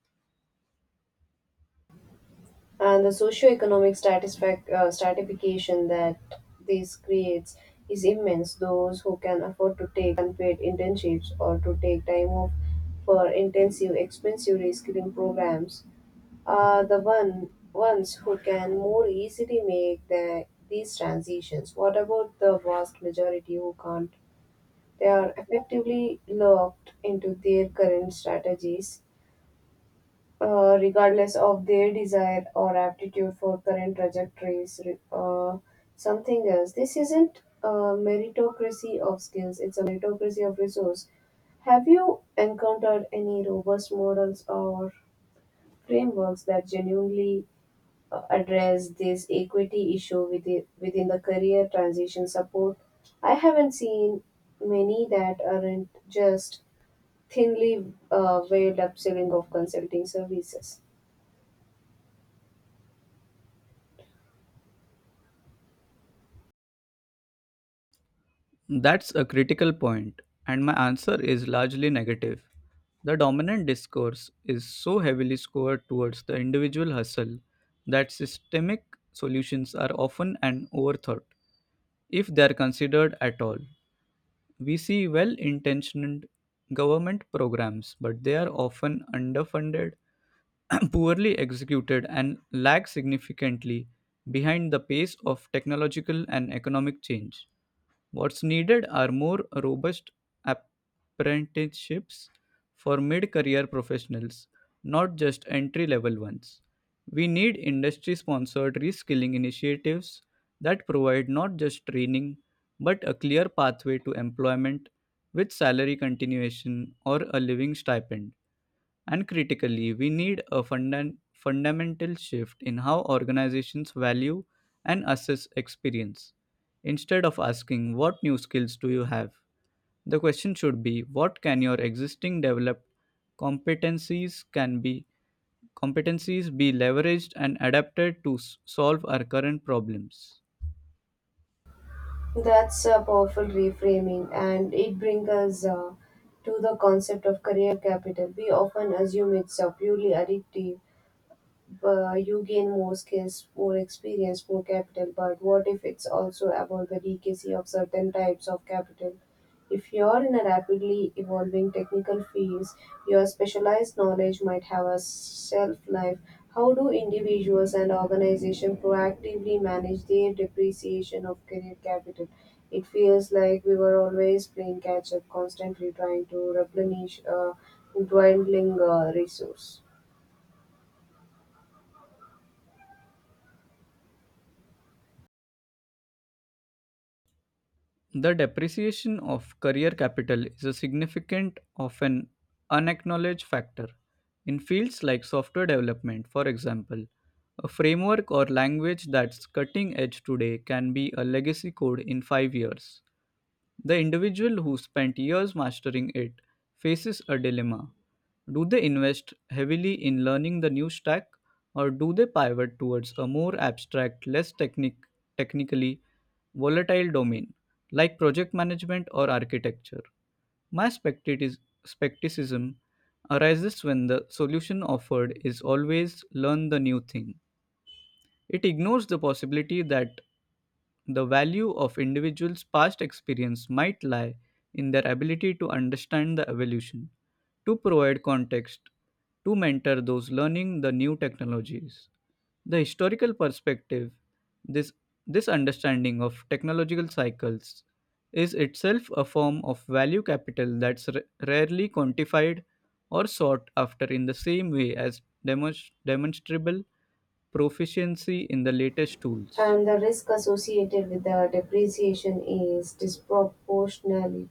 Speaker 1: And the socioeconomic satisfac- uh, stratification that this creates is immense. Those who can afford to take unpaid internships or to take time off for intensive, expensive reskilling programs are the one ones who can more easily make the, these transitions. What about the vast majority who can't? They are effectively locked into their current strategies uh, regardless of their desire or aptitude for current trajectories re- uh, something else. This isn't a meritocracy of skills, it's a meritocracy of resource. Have you encountered any robust models or frameworks that genuinely uh, address this equity issue within, within the career transition support? I haven't seen many that aren't just thinly uh, veiled upselling of consulting services.
Speaker 2: That's a critical point, and my answer is largely negative. The dominant discourse is so heavily scored towards the individual hustle that systemic solutions are often an overthought, if they are considered at all. We see well intentioned government programs, but they are often underfunded, poorly executed, and lag significantly behind the pace of technological and economic change. What's needed are more robust apprenticeships for mid career professionals, not just entry level ones. We need industry sponsored reskilling initiatives that provide not just training but a clear pathway to employment with salary continuation or a living stipend. And critically, we need a funda- fundamental shift in how organizations value and assess experience. Instead of asking, "What new skills do you have?" the question should be, "What can your existing developed competencies can be competencies be leveraged and adapted to s- solve our current problems?"
Speaker 1: That's a powerful reframing, and it brings us uh, to the concept of career capital. We often assume it's uh, purely addictive, uh, you gain more skills, more experience, more capital. But what if it's also about the decacy of certain types of capital? If you're in a rapidly evolving technical field, your specialized knowledge might have a shelf life. How do individuals and organizations proactively manage their depreciation of career capital? It feels like we were always playing catch up, constantly trying to replenish a dwindling uh, resource.
Speaker 2: The depreciation of career capital is a significant, often unacknowledged factor. In fields like software development, for example, a framework or language that's cutting edge today can be a legacy code in five years. The individual who spent years mastering it faces a dilemma. Do they invest heavily in learning the new stack, or do they pivot towards a more abstract, less technic- technically volatile domain like project management or architecture? My spectatis- skepticism arises when the solution offered is always learn the new thing. It ignores the possibility that the value of individuals' past experience might lie in their ability to understand the evolution, to provide context, to mentor those learning the new technologies. The historical perspective, this, this understanding of technological cycles, is itself a form of value capital that's r- rarely quantified or sought after in the same way as demonst- demonstrable proficiency in the latest tools.
Speaker 1: And the risk associated with the depreciation is disproportionately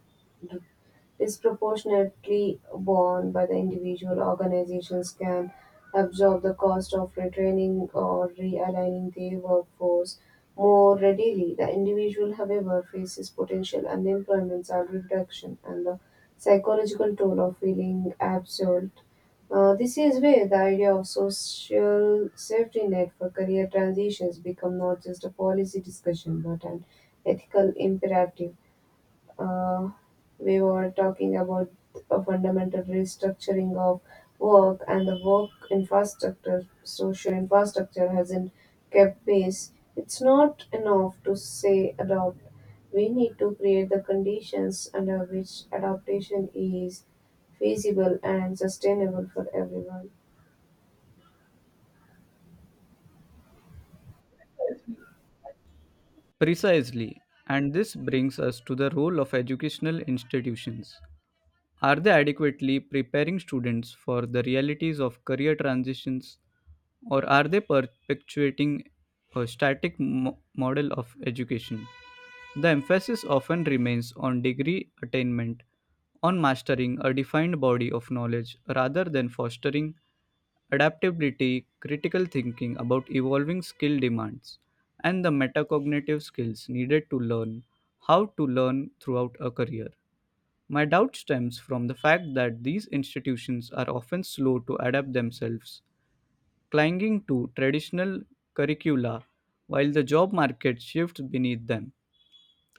Speaker 1: disproportionately borne by the individual. Organizations can absorb the cost of retraining or realigning their workforce more readily. The individual, however, faces potential unemployment, salary reduction, and the psychological toll of feeling absolved. Uh, this is where the idea of social safety net for career transitions become not just a policy discussion but an ethical imperative. uh, we were talking about a fundamental restructuring of work, and the work infrastructure, social infrastructure hasn't kept pace. It's not enough to say adopt. We need to create the conditions under which adaptation is feasible and sustainable for everyone.
Speaker 2: Precisely, and this brings us to the role of educational institutions. Are they adequately preparing students for the realities of career transitions, or are they perpetuating a static mo- model of education? The emphasis often remains on degree attainment, on mastering a defined body of knowledge rather than fostering adaptability, critical thinking about evolving skill demands, and the metacognitive skills needed to learn how to learn throughout a career. My doubt stems from the fact that these institutions are often slow to adapt themselves, clinging to traditional curricula while the job market shifts beneath them.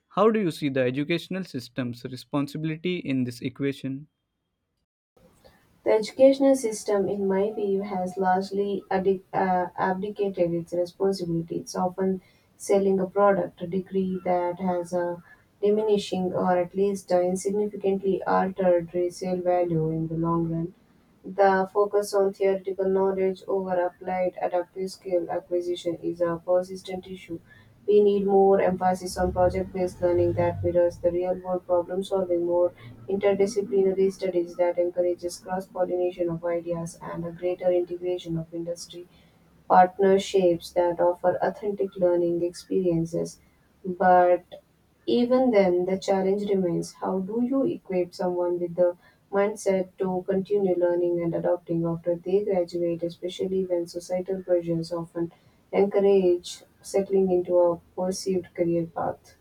Speaker 2: How do you see the educational system's responsibility in this equation?
Speaker 1: The educational system, in my view, has largely addic- uh, abdicated its responsibility. It's often selling a product, a degree that has a diminishing or at least a insignificantly altered resale value in the long run. The focus on theoretical knowledge over applied adaptive skill acquisition is a persistent issue. We need more emphasis on project based learning that mirrors the real world problem solving, more interdisciplinary studies that encourages cross pollination of ideas, and a greater integration of industry partnerships that offer authentic learning experiences. But even then, the challenge remains: how do you equip someone with the mindset to continue learning and adopting after they graduate, especially when societal pressures often encourage settling into a perceived career path?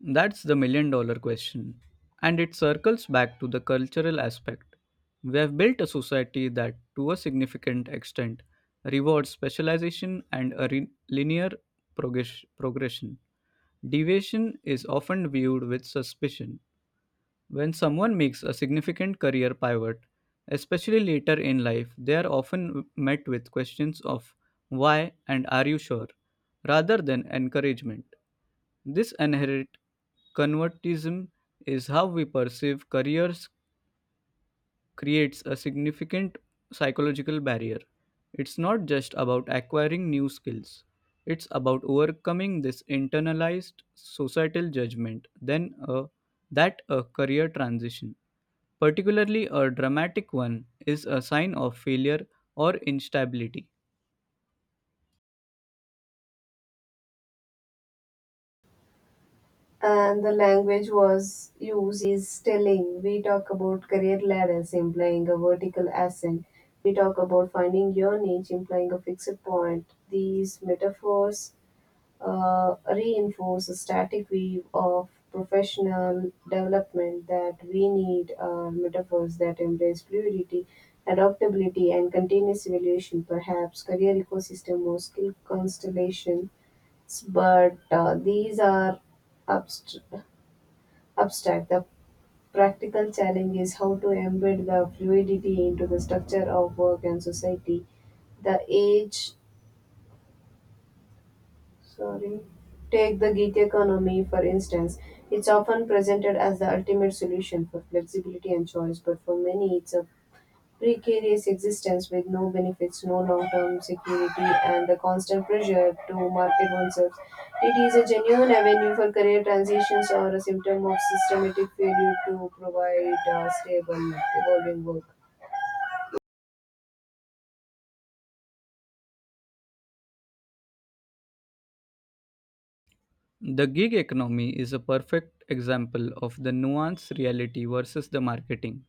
Speaker 2: That's the million dollar question. And it circles back to the cultural aspect. We have built a society that, to a significant extent, rewards specialization and a re- linear progress- progression. Deviation is often viewed with suspicion. When someone makes a significant career pivot, especially later in life, they are often met with questions of why and are you sure, rather than encouragement. This inherent convertism is how we perceive careers creates a significant psychological barrier. It's not just about acquiring new skills. It's about overcoming this internalized societal judgment then a, that a career transition, particularly a dramatic one, is a sign of failure or instability.
Speaker 1: And the language was used is telling. We talk about career levels implying a vertical ascent. We talk about finding your niche implying a fixed point. These metaphors uh, reinforce a static view of professional development. That we need uh, metaphors that embrace fluidity, adaptability, and continuous evaluation, perhaps career ecosystem or skill constellations. But uh, these are abstract Abstract: The practical challenge is how to embed the fluidity into the structure of work and society. The age, sorry, Take the gig economy for instance. It's often presented as the ultimate solution for flexibility and choice, but for many, it's a precarious existence with no benefits, no long-term security, and the constant pressure to market oneself. It is a genuine avenue for career transitions or a symptom of systematic failure to provide uh, stable, evolving work.
Speaker 2: The gig economy is a perfect example of the nuanced reality versus the marketing.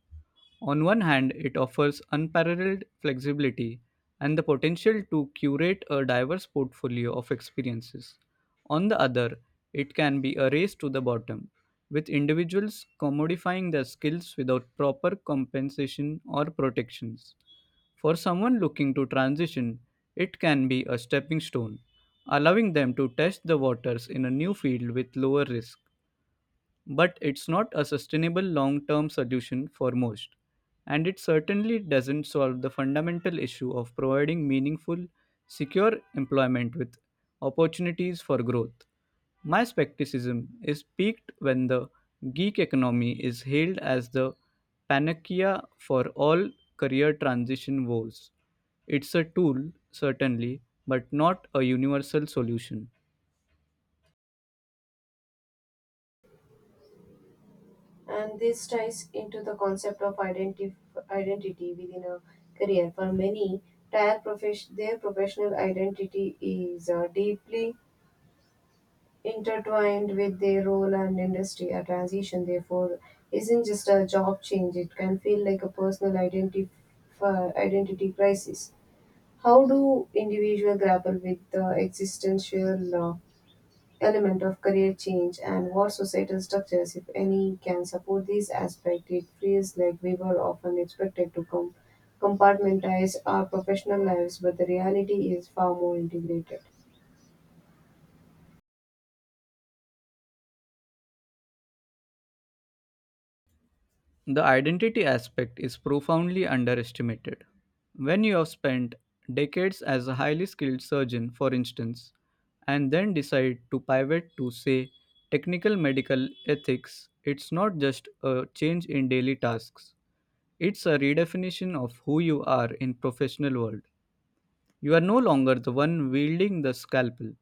Speaker 2: On one hand, it offers unparalleled flexibility and the potential to curate a diverse portfolio of experiences. On the other, it can be a race to the bottom, with individuals commodifying their skills without proper compensation or protections. For someone looking to transition, it can be a stepping stone, allowing them to test the waters in a new field with lower risk. But it's not a sustainable long term solution for most, and it certainly doesn't solve the fundamental issue of providing meaningful, secure employment with opportunities for growth. My skepticism is peaked when the geek economy is hailed as the panacea for all career transition woes. It's a tool, certainly, but not a universal solution.
Speaker 1: And this ties into the concept of identif- identity within a career. For many, their, profes- their professional identity is uh, deeply intertwined with their role and industry. A transition, therefore, isn't just a job change, it can feel like a personal identity, identity crisis. How do individuals grapple with the existential uh, element of career change, and what societal structures, if any, can support this aspect? It feels like we were often expected to com- compartmentalize our professional lives, but the reality is far more integrated.
Speaker 2: The identity aspect is profoundly underestimated. When you have spent decades as a highly skilled surgeon, for instance, and then decide to pivot to, say, technical medical ethics, it's not just a change in daily tasks. It's a redefinition of who you are in professional world. You are no longer the one wielding the scalpel.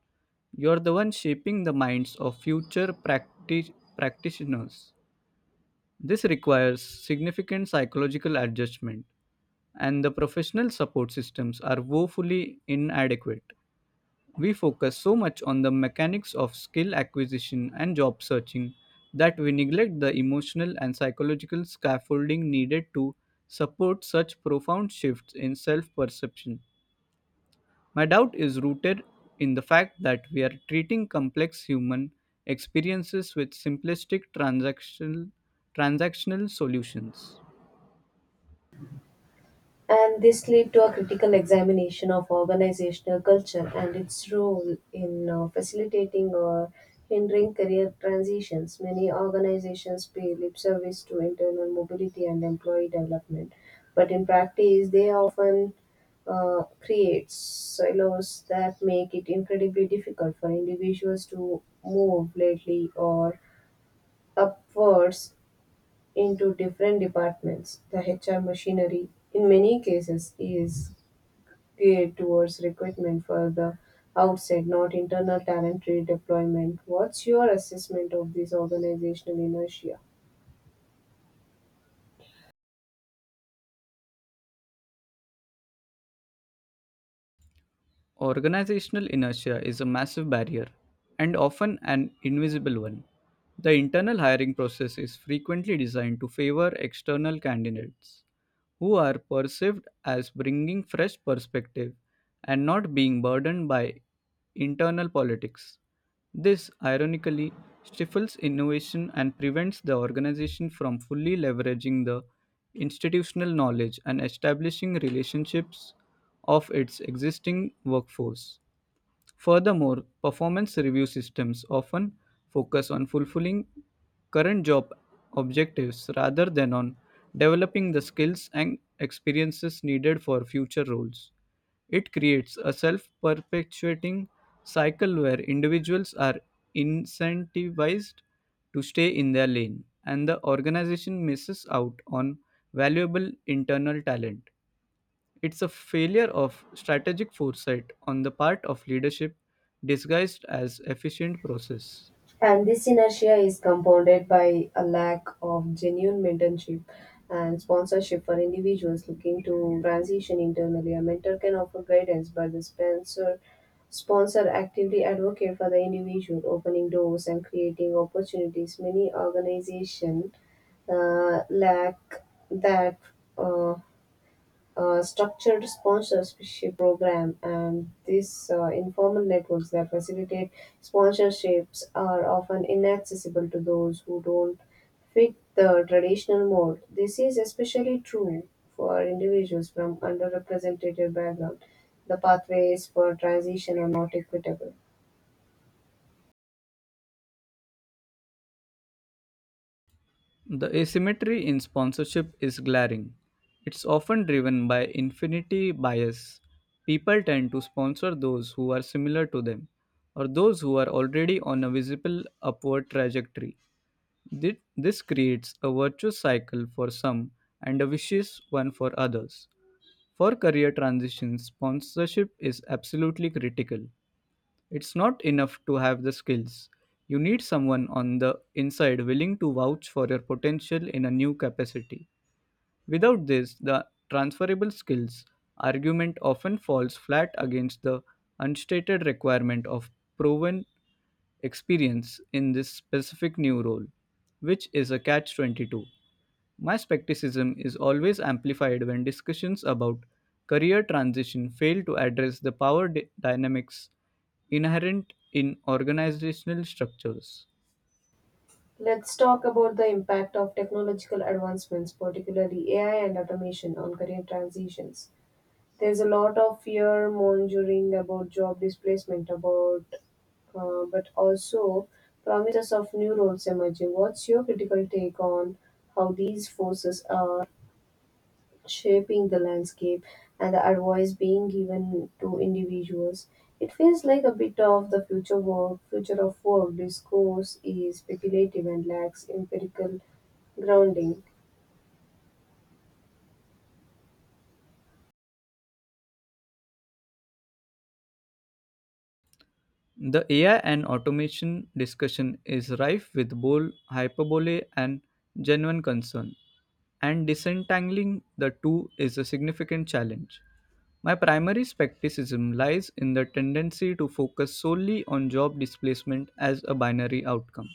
Speaker 2: You're the one shaping the minds of future practi- practitioners. This requires significant psychological adjustment, and the professional support systems are woefully inadequate. We focus so much on the mechanics of skill acquisition and job searching that we neglect the emotional and psychological scaffolding needed to support such profound shifts in self perception. My doubt is rooted in the fact that we are treating complex human experiences with simplistic transactional, transactional solutions.
Speaker 1: And this led to a critical examination of organizational culture and its role in uh, facilitating or hindering career transitions. Many organizations pay lip service to internal mobility and employee development, but in practice, they often uh, create silos that make it incredibly difficult for individuals to move lately or upwards into different departments. The H R machinery, in many cases, is geared towards recruitment for the outside, not internal talent redeployment. What's your assessment of this organizational inertia?
Speaker 2: Organizational inertia is a massive barrier, and often an invisible one. The internal hiring process is frequently designed to favor external candidates who are perceived as bringing fresh perspective and not being burdened by internal politics. This, ironically, stifles innovation and prevents the organization from fully leveraging the institutional knowledge and establishing relationships of its existing workforce. Furthermore, performance review systems often focus on fulfilling current job objectives rather than on developing the skills and experiences needed for future roles. It creates a self perpetuating cycle where individuals are incentivized to stay in their lane and the organization misses out on valuable internal talent. It's a failure of strategic foresight on the part of leadership disguised as efficient process.
Speaker 1: And this inertia is compounded by a lack of genuine mentorship and sponsorship for individuals looking to transition internally. A mentor can offer guidance, but the sponsor sponsor actively advocate for the individual, opening doors and creating opportunities. Many organizations uh, lack that uh, uh, structured sponsorship program, and these uh, informal networks that facilitate sponsorships are often inaccessible to those who don't fit the traditional mold. This is especially true for individuals from underrepresented background. The pathways for transition are not equitable.
Speaker 2: The asymmetry in sponsorship is glaring. It's often driven by infinity bias. People tend to sponsor those who are similar to them or those who are already on a visible upward trajectory. Thi- This creates a virtuous cycle for some and a vicious one for others. For career transitions, sponsorship is absolutely critical. It's not enough to have the skills. You need someone on the inside willing to vouch for your potential in a new capacity. Without this, the transferable skills argument often falls flat against the unstated requirement of proven experience in this specific new role, which is a catch twenty-two. My skepticism is always amplified when discussions about career transition fail to address the power dy- dynamics inherent in organizational structures.
Speaker 1: Let's talk about the impact of technological advancements, particularly A I and automation, on career transitions. There's a lot of fear mongering about job displacement, about uh, but also promises of new roles emerging. What's your critical take on how these forces are shaping the landscape and the advice being given to individuals? It feels like a bit of the future work, future of work discourse is speculative and lacks empirical grounding.
Speaker 2: The A I and automation discussion is rife with both hyperbole and genuine concern, and disentangling the two is a significant challenge. My primary skepticism lies in the tendency to focus solely on job displacement as a binary outcome.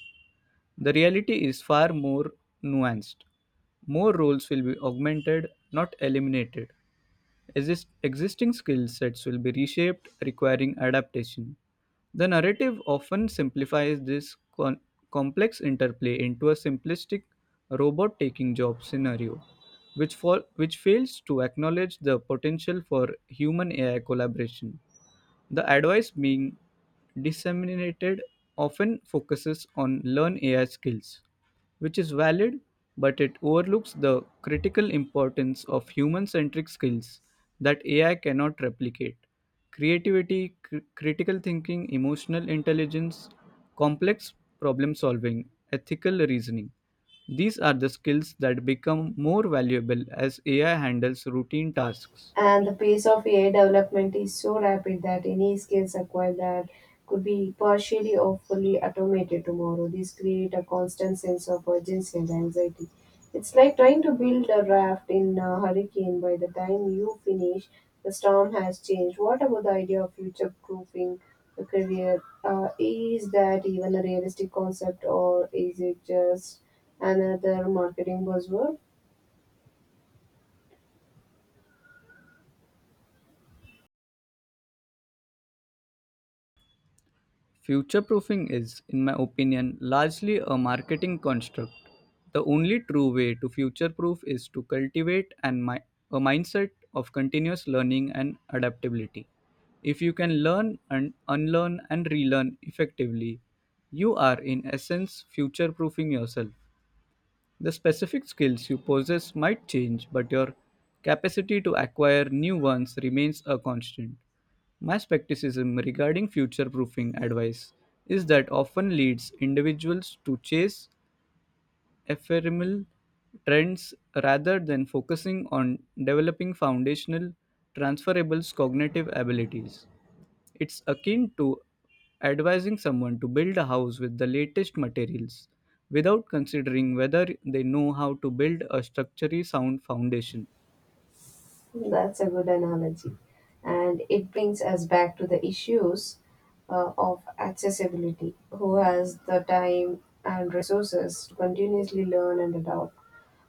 Speaker 2: The reality is far more nuanced. More roles will be augmented, not eliminated. Exist- existing skill sets will be reshaped, requiring adaptation. The narrative often simplifies this con- complex interplay into a simplistic robot taking job scenario, which, fall- which fails to acknowledge the potential for human A I collaboration. The advice being disseminated often focuses on learn A I skills, which is valid, but it overlooks the critical importance of human centric skills that A I cannot replicate. Creativity, cr- critical thinking, emotional intelligence, complex problem solving, ethical reasoning. These are the skills that become more valuable as A I handles routine tasks.
Speaker 1: And the pace of A I development is so rapid that any skills acquired that could be partially or fully automated tomorrow. This create a constant sense of urgency and anxiety. It's like trying to build a raft in a hurricane. By the time you finish, the storm has changed. What about the idea of future proofing a career? Uh, is that even a realistic concept or is it just another marketing buzzword?
Speaker 2: Future proofing is, in my opinion, largely a marketing construct. The only true way to future proof is to cultivate and mi- a mindset of continuous learning and adaptability. If you can learn and unlearn and relearn effectively, you are in essence future proofing yourself. The specific skills you possess might change, but your capacity to acquire new ones remains a constant. My skepticism regarding future proofing advice is that often leads individuals to chase ephemeral trends rather than focusing on developing foundational, transferable cognitive abilities. It's akin to advising someone to build a house with the latest materials without considering whether they know how to build a structurally sound foundation.
Speaker 1: That's a good analogy. And it brings us back to the issues uh, of accessibility. Who has the time and resources to continuously learn and adopt?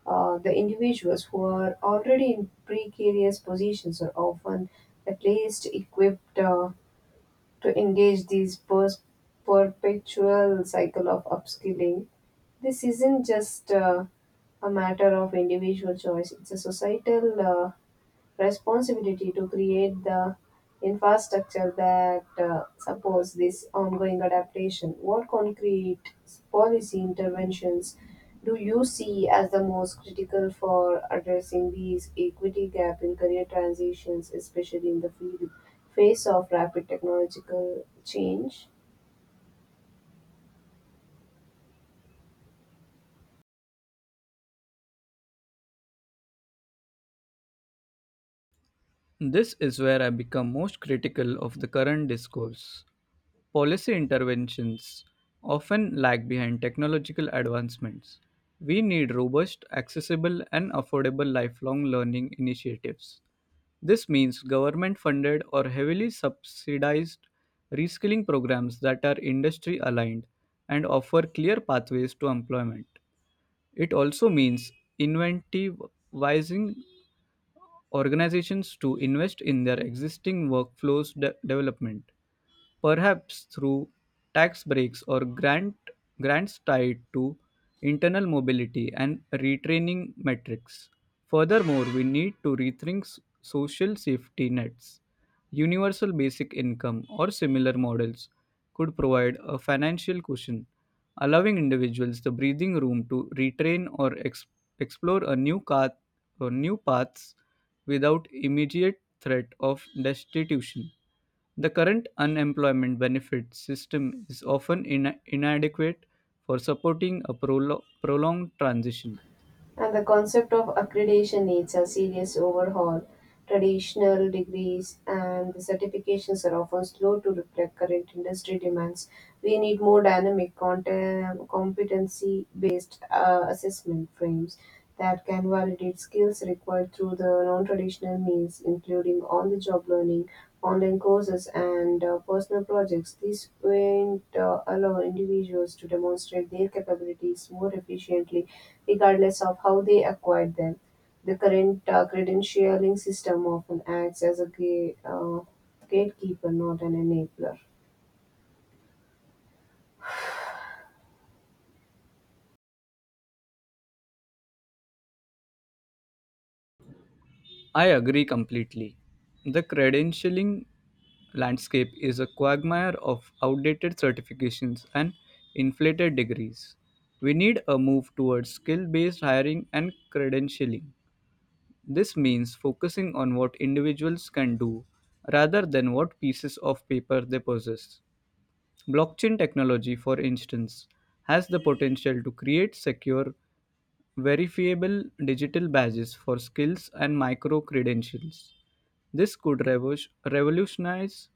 Speaker 1: Uh, the individuals who are already in precarious positions are often at least equipped uh, to engage this pers- perpetual cycle of upskilling. This isn't just uh, a matter of individual choice, it's a societal. Uh, responsibility to create the infrastructure that uh, supports this ongoing adaptation. What concrete policy interventions do you see as the most critical for addressing these equity gap in career transitions, especially in the field face of rapid technological change?
Speaker 2: This is where I become most critical of the current discourse. Policy interventions often lag behind technological advancements. We need robust, accessible, and affordable lifelong learning initiatives. This means government funded or heavily subsidized reskilling programs that are industry aligned and offer clear pathways to employment. It also means incentivizing organizations to invest in their existing workflows de- development, perhaps through tax breaks or grant, grants tied to internal mobility and retraining metrics. Furthermore, we need to rethink s- social safety nets. Universal basic income or similar models could provide a financial cushion, allowing individuals the breathing room to retrain or ex- explore a new path for new paths without immediate threat of destitution. The current unemployment benefit system is often ina- inadequate for supporting a prolo- prolonged transition.
Speaker 1: And the concept of accreditation needs a serious overhaul. Traditional degrees and certifications are often slow to reflect current industry demands. We need more dynamic, competency based uh, assessment frames that can validate skills required through the non traditional means, including on the job learning online courses, and uh, personal projects. These events uh, allow individuals to demonstrate their capabilities more efficiently, regardless of how they acquired them. The current uh, credentialing system often acts as a gate, uh, gatekeeper, not an enabler.
Speaker 2: I agree completely. The credentialing landscape is a quagmire of outdated certifications and inflated degrees. We need a move towards skill based hiring and credentialing. This means focusing on what individuals can do rather than what pieces of paper they possess. Blockchain technology, for instance, has the potential to create secure, verifiable digital badges for skills and micro credentials. This could revo- revolutionize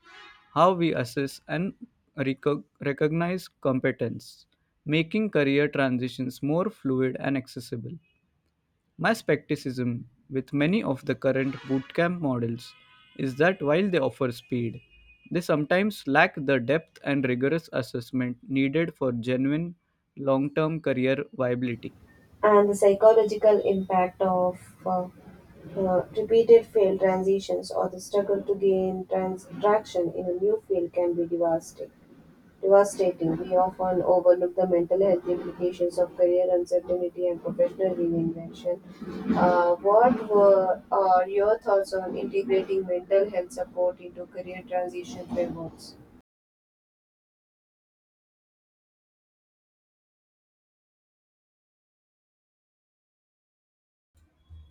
Speaker 2: how we assess and reco- recognize competence, making career transitions more fluid and accessible. My skepticism with many of the current bootcamp models is that while they offer speed, they sometimes lack the depth and rigorous assessment needed for genuine long term career viability.
Speaker 1: And the psychological impact of uh, uh, repeated failed transitions or the struggle to gain trans- traction in a new field can be devastating. devastating. We often overlook the mental health implications of career uncertainty and professional reinvention. Uh, what were are your thoughts on integrating mental health support into career transition frameworks?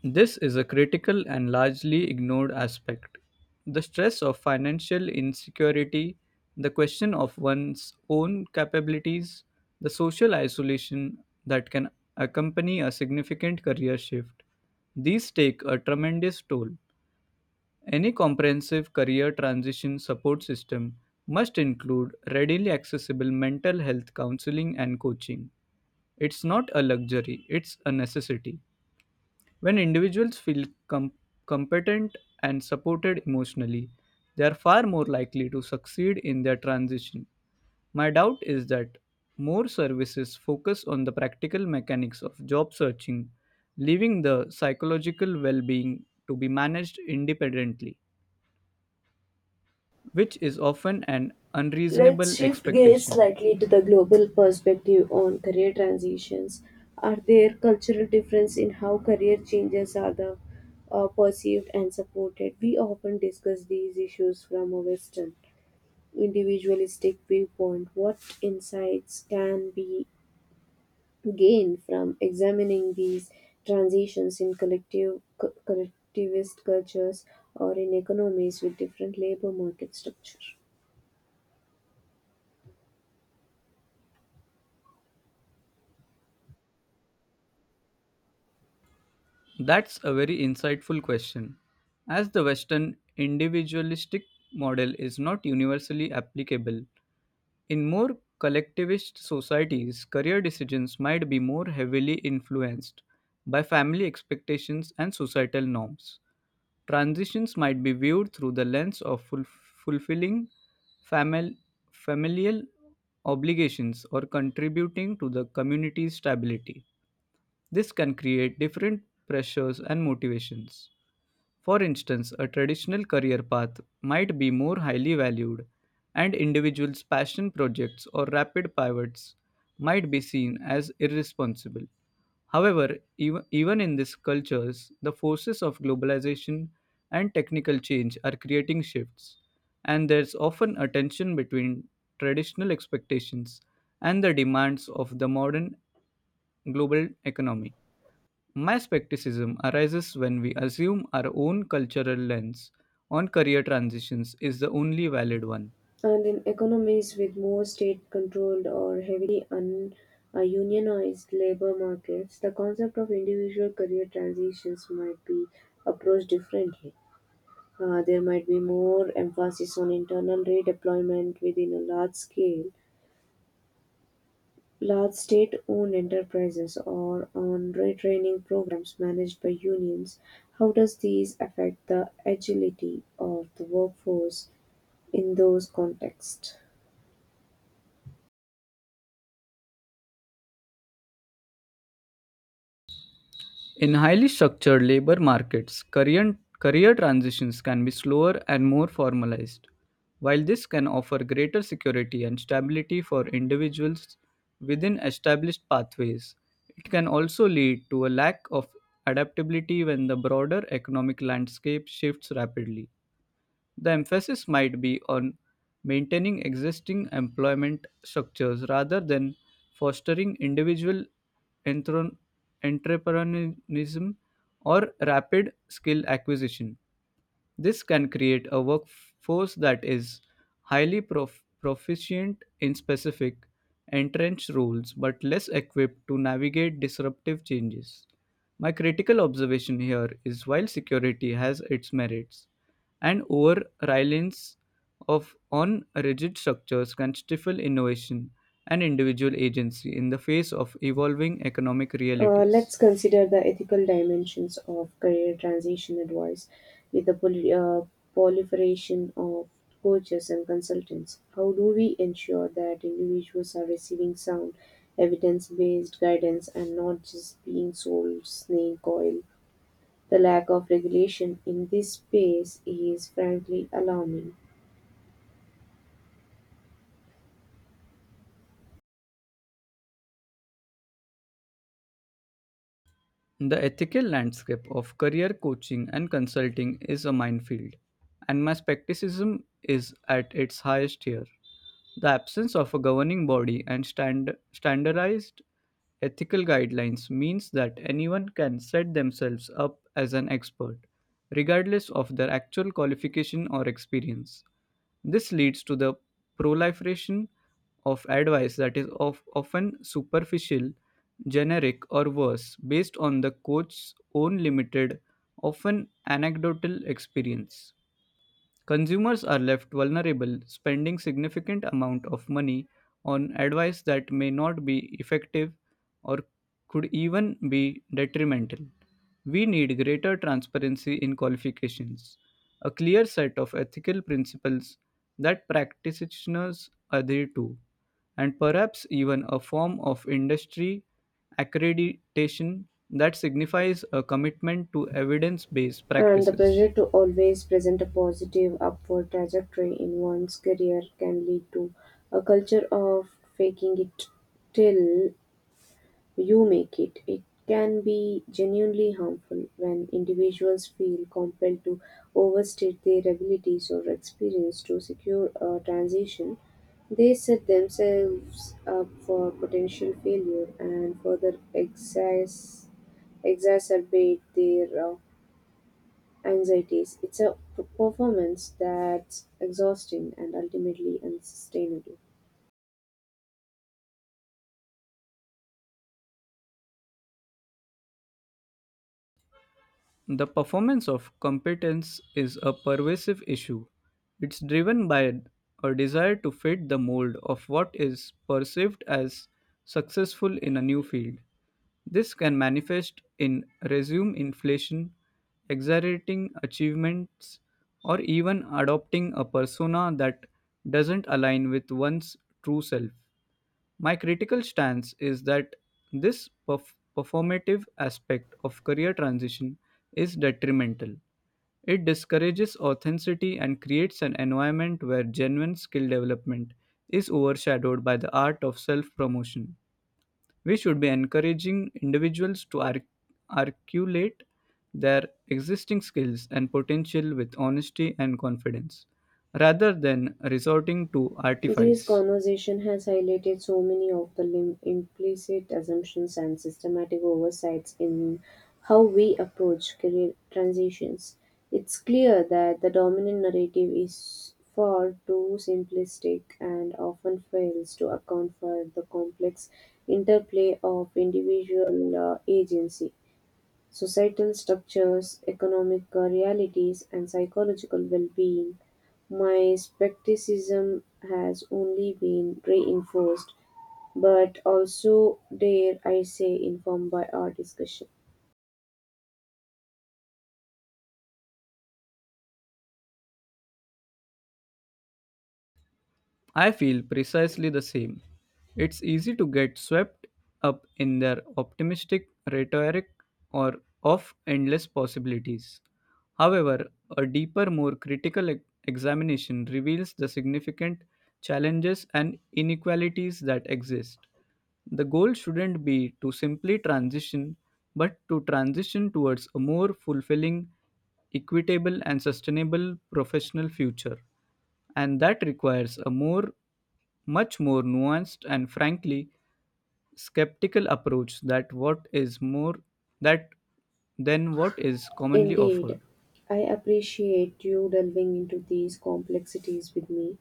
Speaker 2: This is a critical and largely ignored aspect. The stress of financial insecurity, the question of one's own capabilities, the social isolation that can accompany a significant career shift. These take a tremendous toll. Any comprehensive career transition support system must include readily accessible mental health counseling and coaching. It's not a luxury, it's a necessity. When individuals feel com- competent and supported emotionally, they are far more likely to succeed in their transition. My doubt is that more services focus on the practical mechanics of job searching, leaving the psychological well being to be managed independently, which is often an unreasonable
Speaker 1: Let's shift gears
Speaker 2: expectation.
Speaker 1: slightly to the global perspective on career transitions. Are there cultural differences in how career changes are the, uh, perceived and supported? We often discuss these issues from a Western individualistic viewpoint. What insights can be gained from examining these transitions in collective, co- collectivist cultures or in economies with different labor market structure?
Speaker 2: That's a very insightful question. As the Western individualistic model is not universally applicable, in more collectivist societies, career decisions might be more heavily influenced by family expectations and societal norms. Transitions might be viewed through the lens of ful- fulfilling famil- familial obligations or contributing to the community's stability. This can create different pressures and motivations. For instance, a traditional career path might be more highly valued, and individuals' passion projects or rapid pivots might be seen as irresponsible. However, ev- even in these cultures, the forces of globalization and technical change are creating shifts, and there's often a tension between traditional expectations and the demands of the modern global economy. My skepticism arises when we assume our own cultural lens on career transitions is the only valid one.
Speaker 1: And in economies with more state controlled or heavily un, uh, unionized labor markets, the concept of individual career transitions might be approached differently. Uh, there might be more emphasis on internal redeployment within a large scale, large state owned enterprises, or on retraining programs managed by unions. How does these affect the agility of the workforce in those contexts?
Speaker 2: In highly structured labor markets, career, career transitions can be slower and more formalized. While this can offer greater security and stability for individuals within established pathways, it can also lead to a lack of adaptability when the broader economic landscape shifts rapidly. The emphasis might be on maintaining existing employment structures rather than fostering individual entron- entrepreneurialism or rapid skill acquisition. This can create a workforce that is highly prof- proficient in specific, entrenched roles but less equipped to navigate disruptive changes. My critical observation here is while security has its merits, an over reliance of on rigid structures can stifle innovation and individual agency in the face of evolving economic
Speaker 1: Uh, let's
Speaker 2: realities.
Speaker 1: consider the ethical dimensions of career transition advice with the poli- uh, proliferation of coaches and consultants. How do we ensure that individuals are receiving sound, evidence based guidance and not just being sold snake oil? The lack of regulation in this space is frankly alarming.
Speaker 2: The ethical landscape of career coaching and consulting is a minefield, and my skepticism is at its highest here. The absence of a governing body and stand- standardized ethical guidelines means that anyone can set themselves up as an expert, regardless of their actual qualification or experience. This leads to the proliferation of advice that is of often superficial, generic, or worse, based on the coach's own limited, often anecdotal experience. Consumers are left vulnerable, spending significant amount of money on advice that may not be effective or could even be detrimental. We need greater transparency in qualifications, a clear set of ethical principles that practitioners adhere to, and perhaps even a form of industry accreditation that signifies a commitment to evidence based
Speaker 1: And the pressure
Speaker 2: practices.
Speaker 1: to always present a positive upward trajectory in one's career can lead to a culture of faking it till you make it. It can be genuinely harmful when individuals feel compelled to overstate their abilities or experience to secure a transition. They set themselves up for potential failure and further excess, exacerbate their uh, anxieties. It's a p- performance that's exhausting and ultimately unsustainable.
Speaker 2: The performance of competence is a pervasive issue. It's driven by a desire to fit the mold of what is perceived as successful in a new field. This can manifest in resume inflation, exaggerating achievements, or even adopting a persona that doesn't align with one's true self. My critical stance is that this perf- performative aspect of career transition is detrimental. It discourages authenticity and creates an environment where genuine skill development is overshadowed by the art of self promotion. We should be encouraging individuals to arc- articulate their existing skills and potential with honesty and confidence, rather than resorting to
Speaker 1: This
Speaker 2: artifice.
Speaker 1: conversation has highlighted so many of the lim- implicit assumptions and systematic oversights in how we approach career transitions. It's clear that the dominant narrative is far too simplistic and often fails to account for the complex interplay of individual uh, agency, societal structures, economic realities, and psychological well-being. My skepticism has only been reinforced, but also, dare I say, informed by our discussion.
Speaker 2: I feel precisely the same. It's easy to get swept up in their optimistic rhetoric or of endless possibilities. However, a deeper, more critical e- examination reveals the significant challenges and inequalities that exist. The goal shouldn't be to simply transition, but to transition towards a more fulfilling, equitable, and sustainable professional future, and that requires a more much more nuanced and frankly skeptical approach that what is more that than what is commonly
Speaker 1: Indeed,
Speaker 2: offered.
Speaker 1: I appreciate you delving into these complexities with me.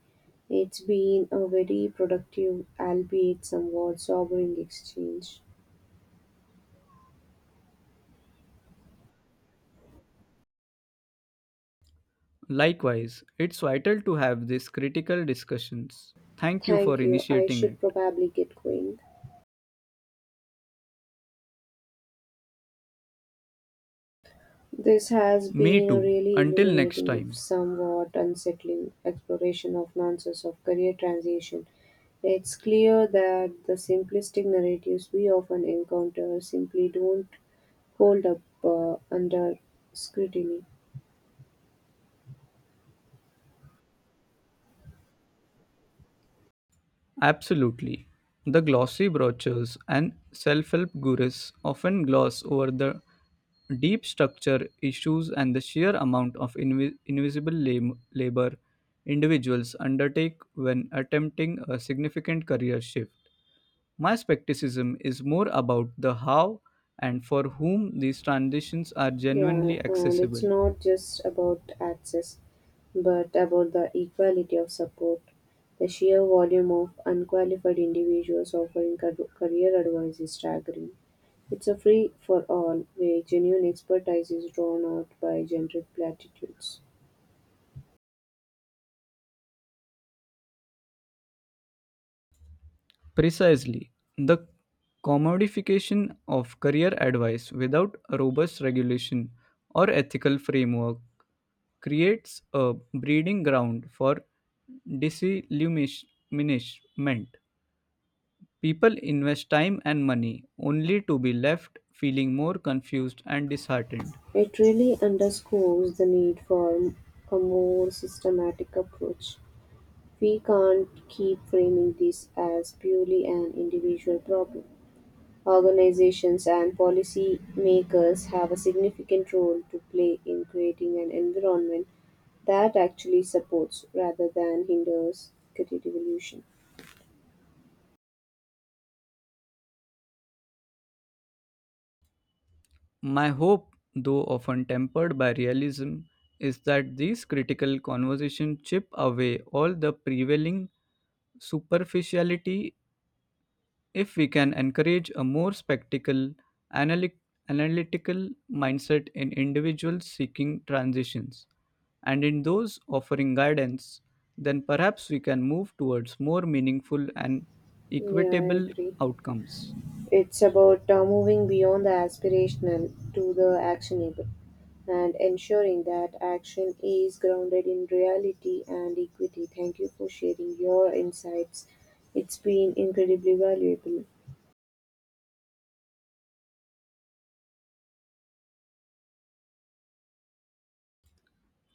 Speaker 1: It's been a very productive, albeit somewhat sobering exchange.
Speaker 2: Likewise, it's vital to have these critical discussions. Thank you for
Speaker 1: Thank you. I
Speaker 2: initiating it.
Speaker 1: should probably get going. This has
Speaker 2: Me
Speaker 1: been a
Speaker 2: too.
Speaker 1: really
Speaker 2: Until next
Speaker 1: illuminating, if
Speaker 2: time.
Speaker 1: somewhat unsettling, exploration of nuances of career transition. It's clear that the simplistic narratives we often encounter simply don't hold up uh, under scrutiny.
Speaker 2: Absolutely. The glossy brochures and self help gurus often gloss over the deep structure issues and the sheer amount of invi- invisible lab- labor individuals undertake when attempting a significant career shift. My skepticism is more about the how and for whom these transitions are
Speaker 1: Yeah,
Speaker 2: genuinely
Speaker 1: and it's
Speaker 2: accessible.
Speaker 1: not just about access, but about the equality of support. The sheer volume of unqualified individuals offering car- career advice is staggering. It's a free for all where genuine expertise is drawn out by generic platitudes.
Speaker 2: Precisely. The commodification of career advice without a robust regulation or ethical framework creates a breeding ground for disillumination. People invest time and money only to be left feeling more confused and disheartened.
Speaker 1: It really underscores the need for a more systematic approach. We can't keep framing this as purely an individual problem. Organizations and policy makers have a significant role to play in creating an environment that actually supports rather than hinders creative evolution.
Speaker 2: My hope, though often tempered by realism, is that these critical conversations chip away all the prevailing superficiality. If we can encourage a more spectacle, analy- analytical mindset in individuals seeking transitions and in those offering guidance, then perhaps we can move towards more meaningful and
Speaker 1: Yeah, I
Speaker 2: equitable
Speaker 1: agree.
Speaker 2: outcomes.
Speaker 1: It's about uh, moving beyond the aspirational to the actionable and ensuring that action is grounded in reality and equity. Thank you for sharing your insights. It's been incredibly valuable.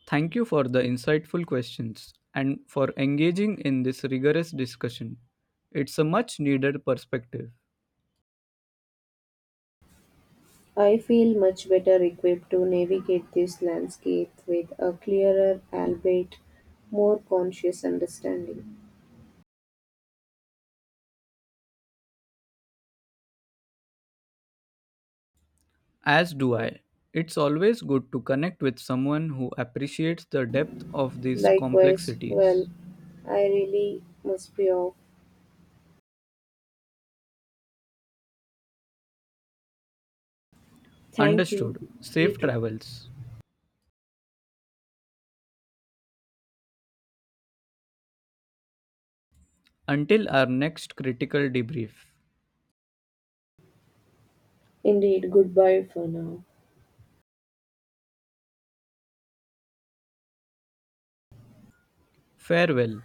Speaker 2: Thank you for the insightful questions and for engaging in this rigorous discussion. It's a much needed perspective,
Speaker 1: I feel much better equipped to navigate this landscape with a clearer, albeit more conscious understanding.
Speaker 2: as do I. It's always good to connect with someone who appreciates the depth of these
Speaker 1: Likewise, well,
Speaker 2: complexities.
Speaker 1: I really must be off. Thank you.
Speaker 2: Understood.
Speaker 1: You
Speaker 2: Safe
Speaker 1: too.
Speaker 2: travels. Until our next critical debrief.
Speaker 1: Indeed, goodbye for now.
Speaker 2: Farewell.